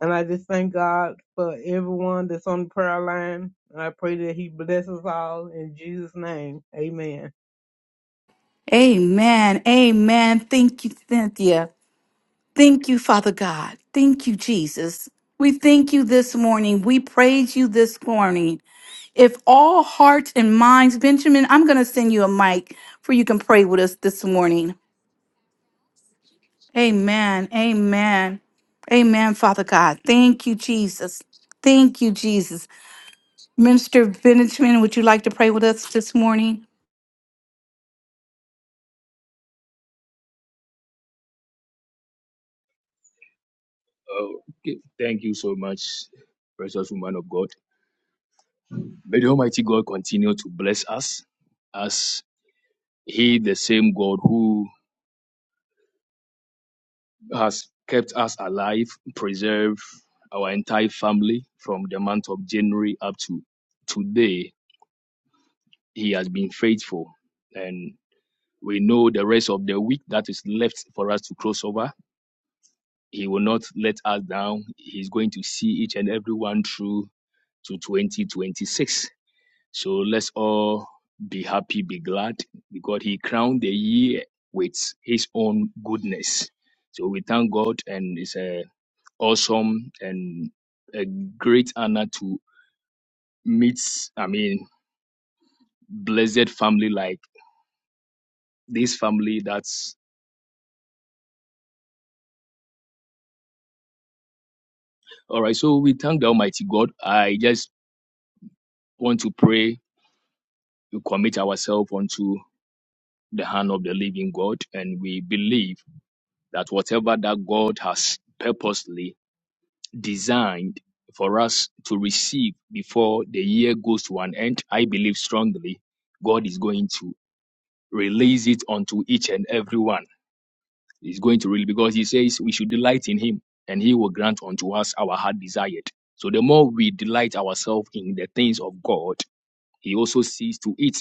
F: and I just thank God for everyone that's on the prayer line. And I pray that He blesses all in Jesus' name. Amen.
A: Amen. Amen. Thank you, Cynthia. Thank you, Father God. Thank you, Jesus. We thank you this morning. We praise you this morning. If all hearts and minds, Benjamin, I'm going to send you a mic for you can pray with us this morning. Amen. Amen. Amen, Father God. Thank you, Jesus. Thank you, Jesus. Minister Benjamin, would you like to pray with us this morning?
G: Okay, thank you so much, precious woman of God. May the Almighty God continue to bless us as He, the same God who has kept us alive, preserved our entire family from the month of January up to today. He has been faithful. And we know the rest of the week that is left for us to cross over. He will not let us down. He's going to see each and every one through to 2026 So let's all be happy, be glad, because he crowned the year with his own goodness. So we thank God, and it's a awesome and a great honor to meet. I mean, blessed family like this family. That's all right. So we thank the Almighty God. I just want to pray to commit ourselves unto the hand of the living God, and we believe that whatever that God has purposely designed for us to receive before the year goes to an end. I believe strongly God is going to release it unto each and every one. He's going to really, because He says we should delight in Him and He will grant unto us our heart desired. So the more we delight ourselves in the things of God, He also sees to it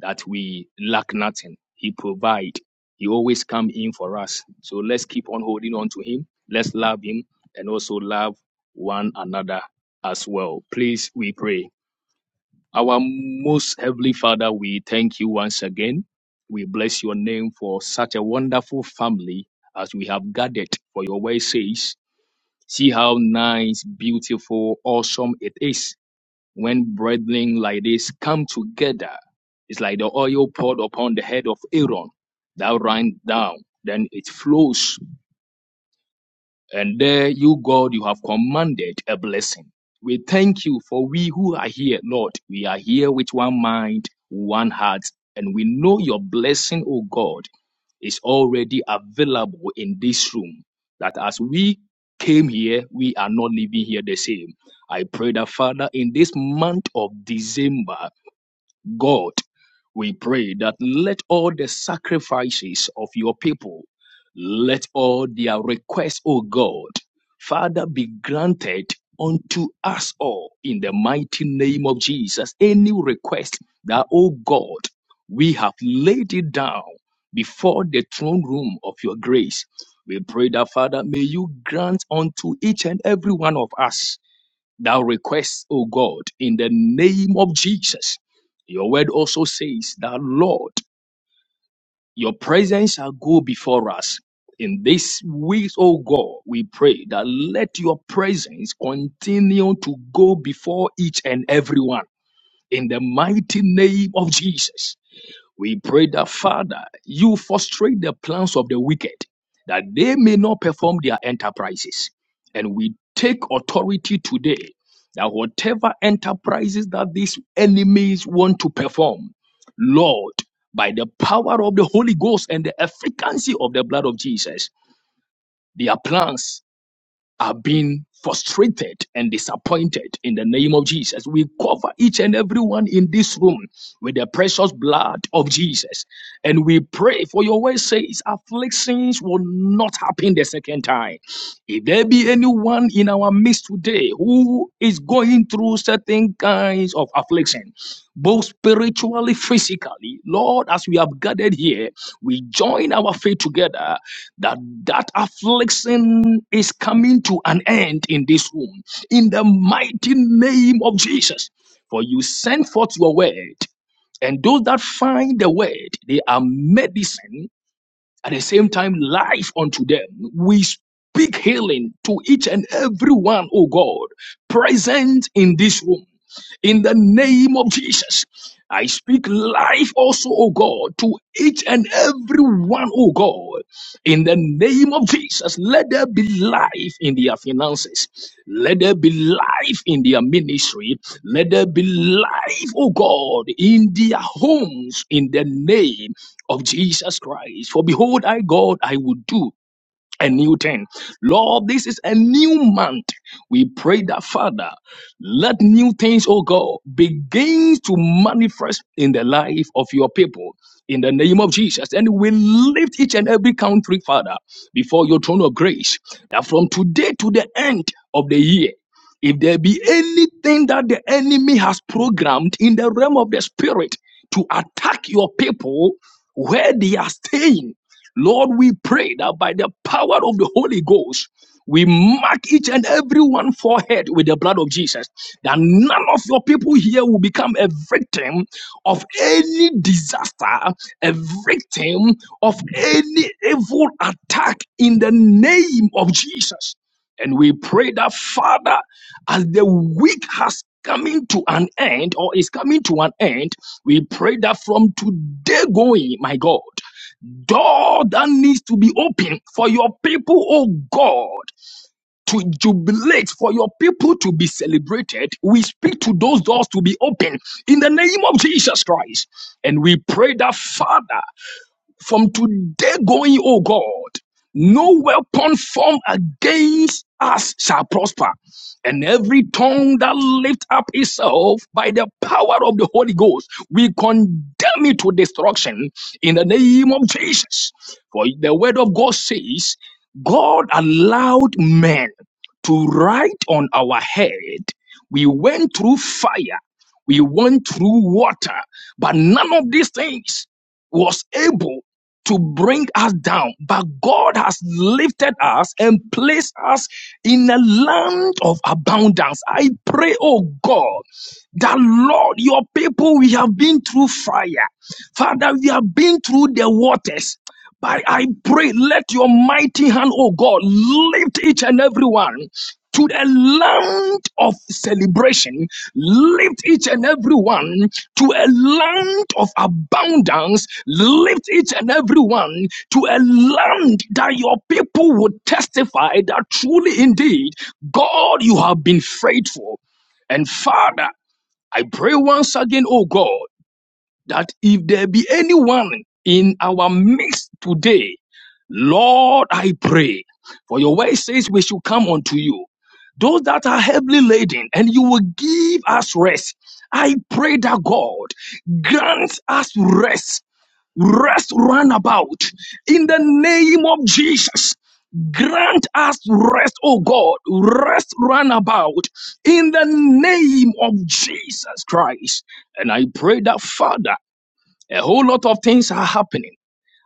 G: that we lack nothing. He provide. He always come in for us. So let's keep on holding on to him. Let's love him and also love one another as well. Please, we pray. Our most heavenly Father, we thank you once again. We bless your name for such a wonderful family as we have gathered for your way says. See how nice, beautiful, awesome it is when brethren like this come together, it's like the oil poured upon the head of Aaron that ran down, then it flows. And there you, God, you have commanded a blessing. We thank you for we who are here, Lord. We are here with one mind, one heart, and we know your blessing, O God, is already available in this room. That as we came here, we are not leaving here the same. I pray that, Father, in this month of December, God, we pray that let all the sacrifices of your people, let all their requests, O God, Father, be granted unto us all in the mighty name of Jesus. Any request that, O God, we have laid it down before the throne room of your grace. We pray that, Father, may you grant unto each and every one of us thou request, O God, in the name of Jesus. Your word also says that, Lord, your presence shall go before us. In this week, O God, we pray that let your presence continue to go before each and everyone in the mighty name of Jesus. We pray that, Father, you frustrate the plans of the wicked, that they may not perform their enterprises. And we take authority today that whatever enterprises that these enemies want to perform, Lord, by the power of the Holy Ghost and the efficacy of the blood of Jesus, their plans are being frustrated and disappointed in the name of Jesus. We cover each and everyone in this room with the precious blood of Jesus. And we pray for your word says afflictions will not happen the second time. If there be anyone in our midst today who is going through certain kinds of affliction, both spiritually, physically, Lord, as we have gathered here, we join our faith together that that affliction is coming to an end in this room in the mighty name of jesus for you send forth your word and those that find the word they are medicine at the same time life unto them we speak healing to each and every one oh god present in this room in the name of Jesus. I speak life also, O God, to each and every one, O God. In the name of Jesus, let there be life in their finances. Let there be life in their ministry. Let there be life, O God, in their homes, in the name of Jesus Christ. For behold, I, God, I will do a new thing. Lord, this is a new month. We pray that, Father, let new things, oh God, begin to manifest in the life of your people. In the name of Jesus. And we lift each and every country, Father, before your throne of grace, that from today to the end of the year, if there be anything that the enemy has programmed in the realm of the spirit to attack your people where they are staying, Lord, we pray that by the power of the Holy Ghost, we mark each and every one forehead with the blood of Jesus, that none of your people here will become a victim of any disaster, a victim of any evil attack in the name of Jesus. And we pray that, Father, as the week has coming to an end or is coming to an end, we pray that from today going, my God door that needs to be open for your people, oh God, to jubilate, for your people to be celebrated. We speak to those doors to be open in the name of Jesus Christ. And we pray that, Father, from today going, O God, no weapon formed against us shall prosper, and every tongue that lift up itself by the power of the Holy Ghost, we condemn it to destruction in the name of Jesus. For the word of God says, God allowed men to write on our head. We went through fire, we went through water, but none of these things was able to bring us down, but God has lifted us and placed us in a land of abundance. I pray, oh God, that Lord, your people, we have been through fire. Father, we have been through the waters. But I pray, let your mighty hand, oh God, lift each and every one to the land of celebration. Lift each and every one to a land of abundance. Lift each and every one to a land that your people would testify that truly indeed, God, you have been faithful. And Father, I pray once again, oh God, that if there be anyone in our midst today, Lord, I pray. For your word says we should come unto you. Those that are heavily laden, and you will give us rest. I pray that God grants us rest, rest round about in the name of Jesus. Grant us rest, oh God, rest round about in the name of Jesus Christ. And I pray that, Father, a whole lot of things are happening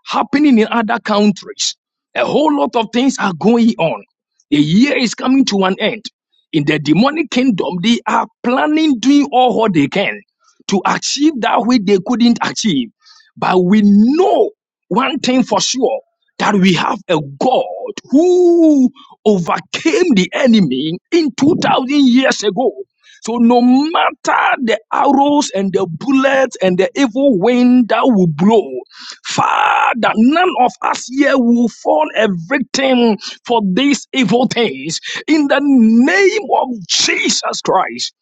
G: happening in other countries. A whole lot of things are going on. The year is coming to an end. In the demonic kingdom, they are planning doing all what they can to achieve that which they couldn't achieve. But we know one thing for sure that we have a God who overcame the enemy in 2000 years ago. So no matter the arrows and the bullets and the evil wind that will blow, Father, none of us here will fall a victim for these evil things. In the name of Jesus Christ,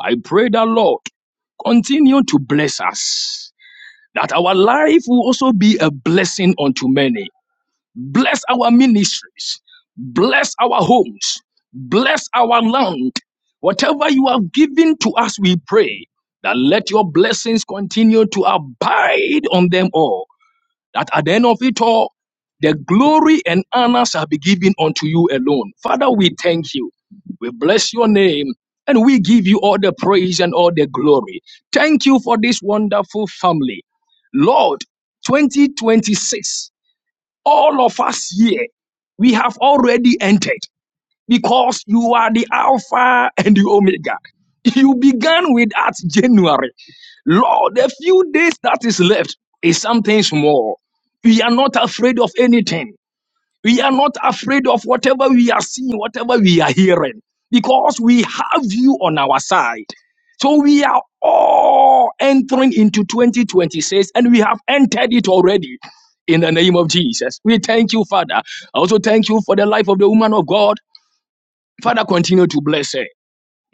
G: I pray that Lord continue to bless us, that our life will also be a blessing unto many. Bless our ministries, bless our homes, bless our land. Whatever you have given to us, we pray that let your blessings continue to abide on them all that at the end of it all, the glory and honor shall be given unto you alone. Father, we thank you. We bless your name and we give you all the praise and all the glory. Thank you for this wonderful family. Lord, 2026, all of us here, we have already entered because you are the Alpha and the Omega. You began with at January. Lord, the few days that is left is something small. We are not afraid of anything. We are not afraid of whatever we are seeing, whatever we are hearing, because we have you on our side. So we are all entering into 2026 and we have entered it already in the name of Jesus. We thank you, Father. I also thank you for the life of the woman of God. Father, continue to bless her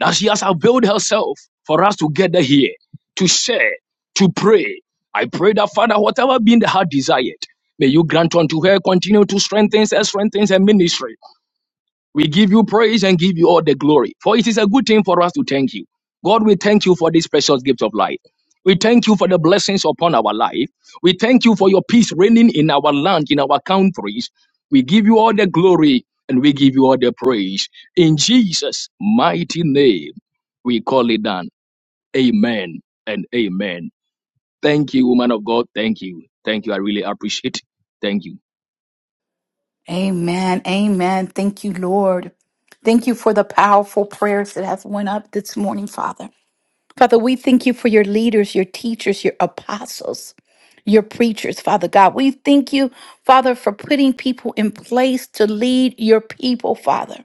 G: that she has availed herself for us to gather here, to share, to pray. I pray that, Father, whatever being the heart desired, may you grant unto her, continue to strengthen her, strengthen her ministry. We give you praise and give you all the glory. For it is a good thing for us to thank you. God, we thank you for this precious gift of life. We thank you for the blessings upon our life. We thank you for your peace reigning in our land, in our countries. We give you all the glory and we give you all the praise. In Jesus' mighty name, we call it done. Amen and amen. Thank you, woman of God. Thank you. Thank you. I really appreciate it. Thank you.
A: Amen. Amen. Thank you, Lord. Thank you for the powerful prayers that have went up this morning, Father. Father, we thank you for your leaders, your teachers, your apostles, your preachers, Father God. We thank you, Father, for putting people in place to lead your people, Father.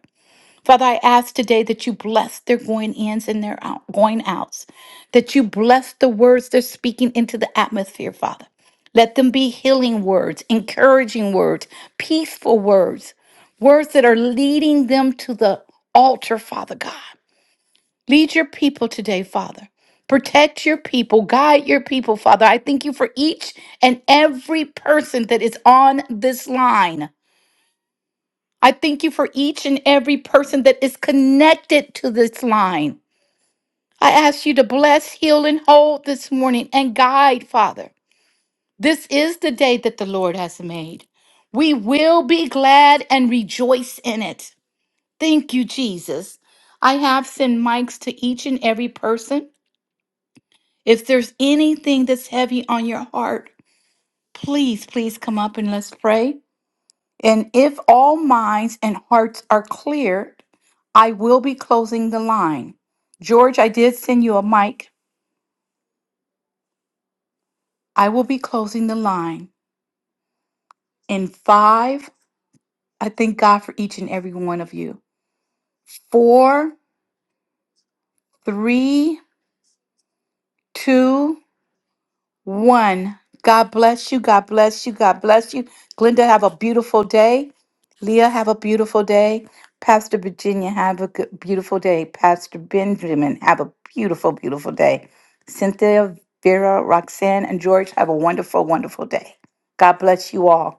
A: Father, I ask today that you bless their going ins and their out, going outs, that you bless the words they're speaking into the atmosphere, Father. Let them be healing words, encouraging words, peaceful words, words that are leading them to the altar, Father God. Lead your people today, Father. Protect your people, guide your people, Father. I thank you for each and every person that is on this line. I thank you for each and every person that is connected to this line. I ask you to bless, heal, and hold this morning and guide, Father. This is the day that the Lord has made. We will be glad and rejoice in it. Thank you, Jesus. I have sent mics to each and every person. If there's anything that's heavy on your heart, please, please come up and let's pray. And if all minds and hearts are cleared, I will be closing the line. George, I did send you a mic. I will be closing the line in five. I thank God for each and every one of you. Four, three, two, one. God bless you. God bless you. God bless you. Glenda, have a beautiful day. Leah, have a beautiful day. Pastor Virginia, have a good, beautiful day. Pastor Benjamin, have a beautiful, beautiful day. Cynthia, Vera, Roxanne, and George, have a wonderful, wonderful day. God bless you all.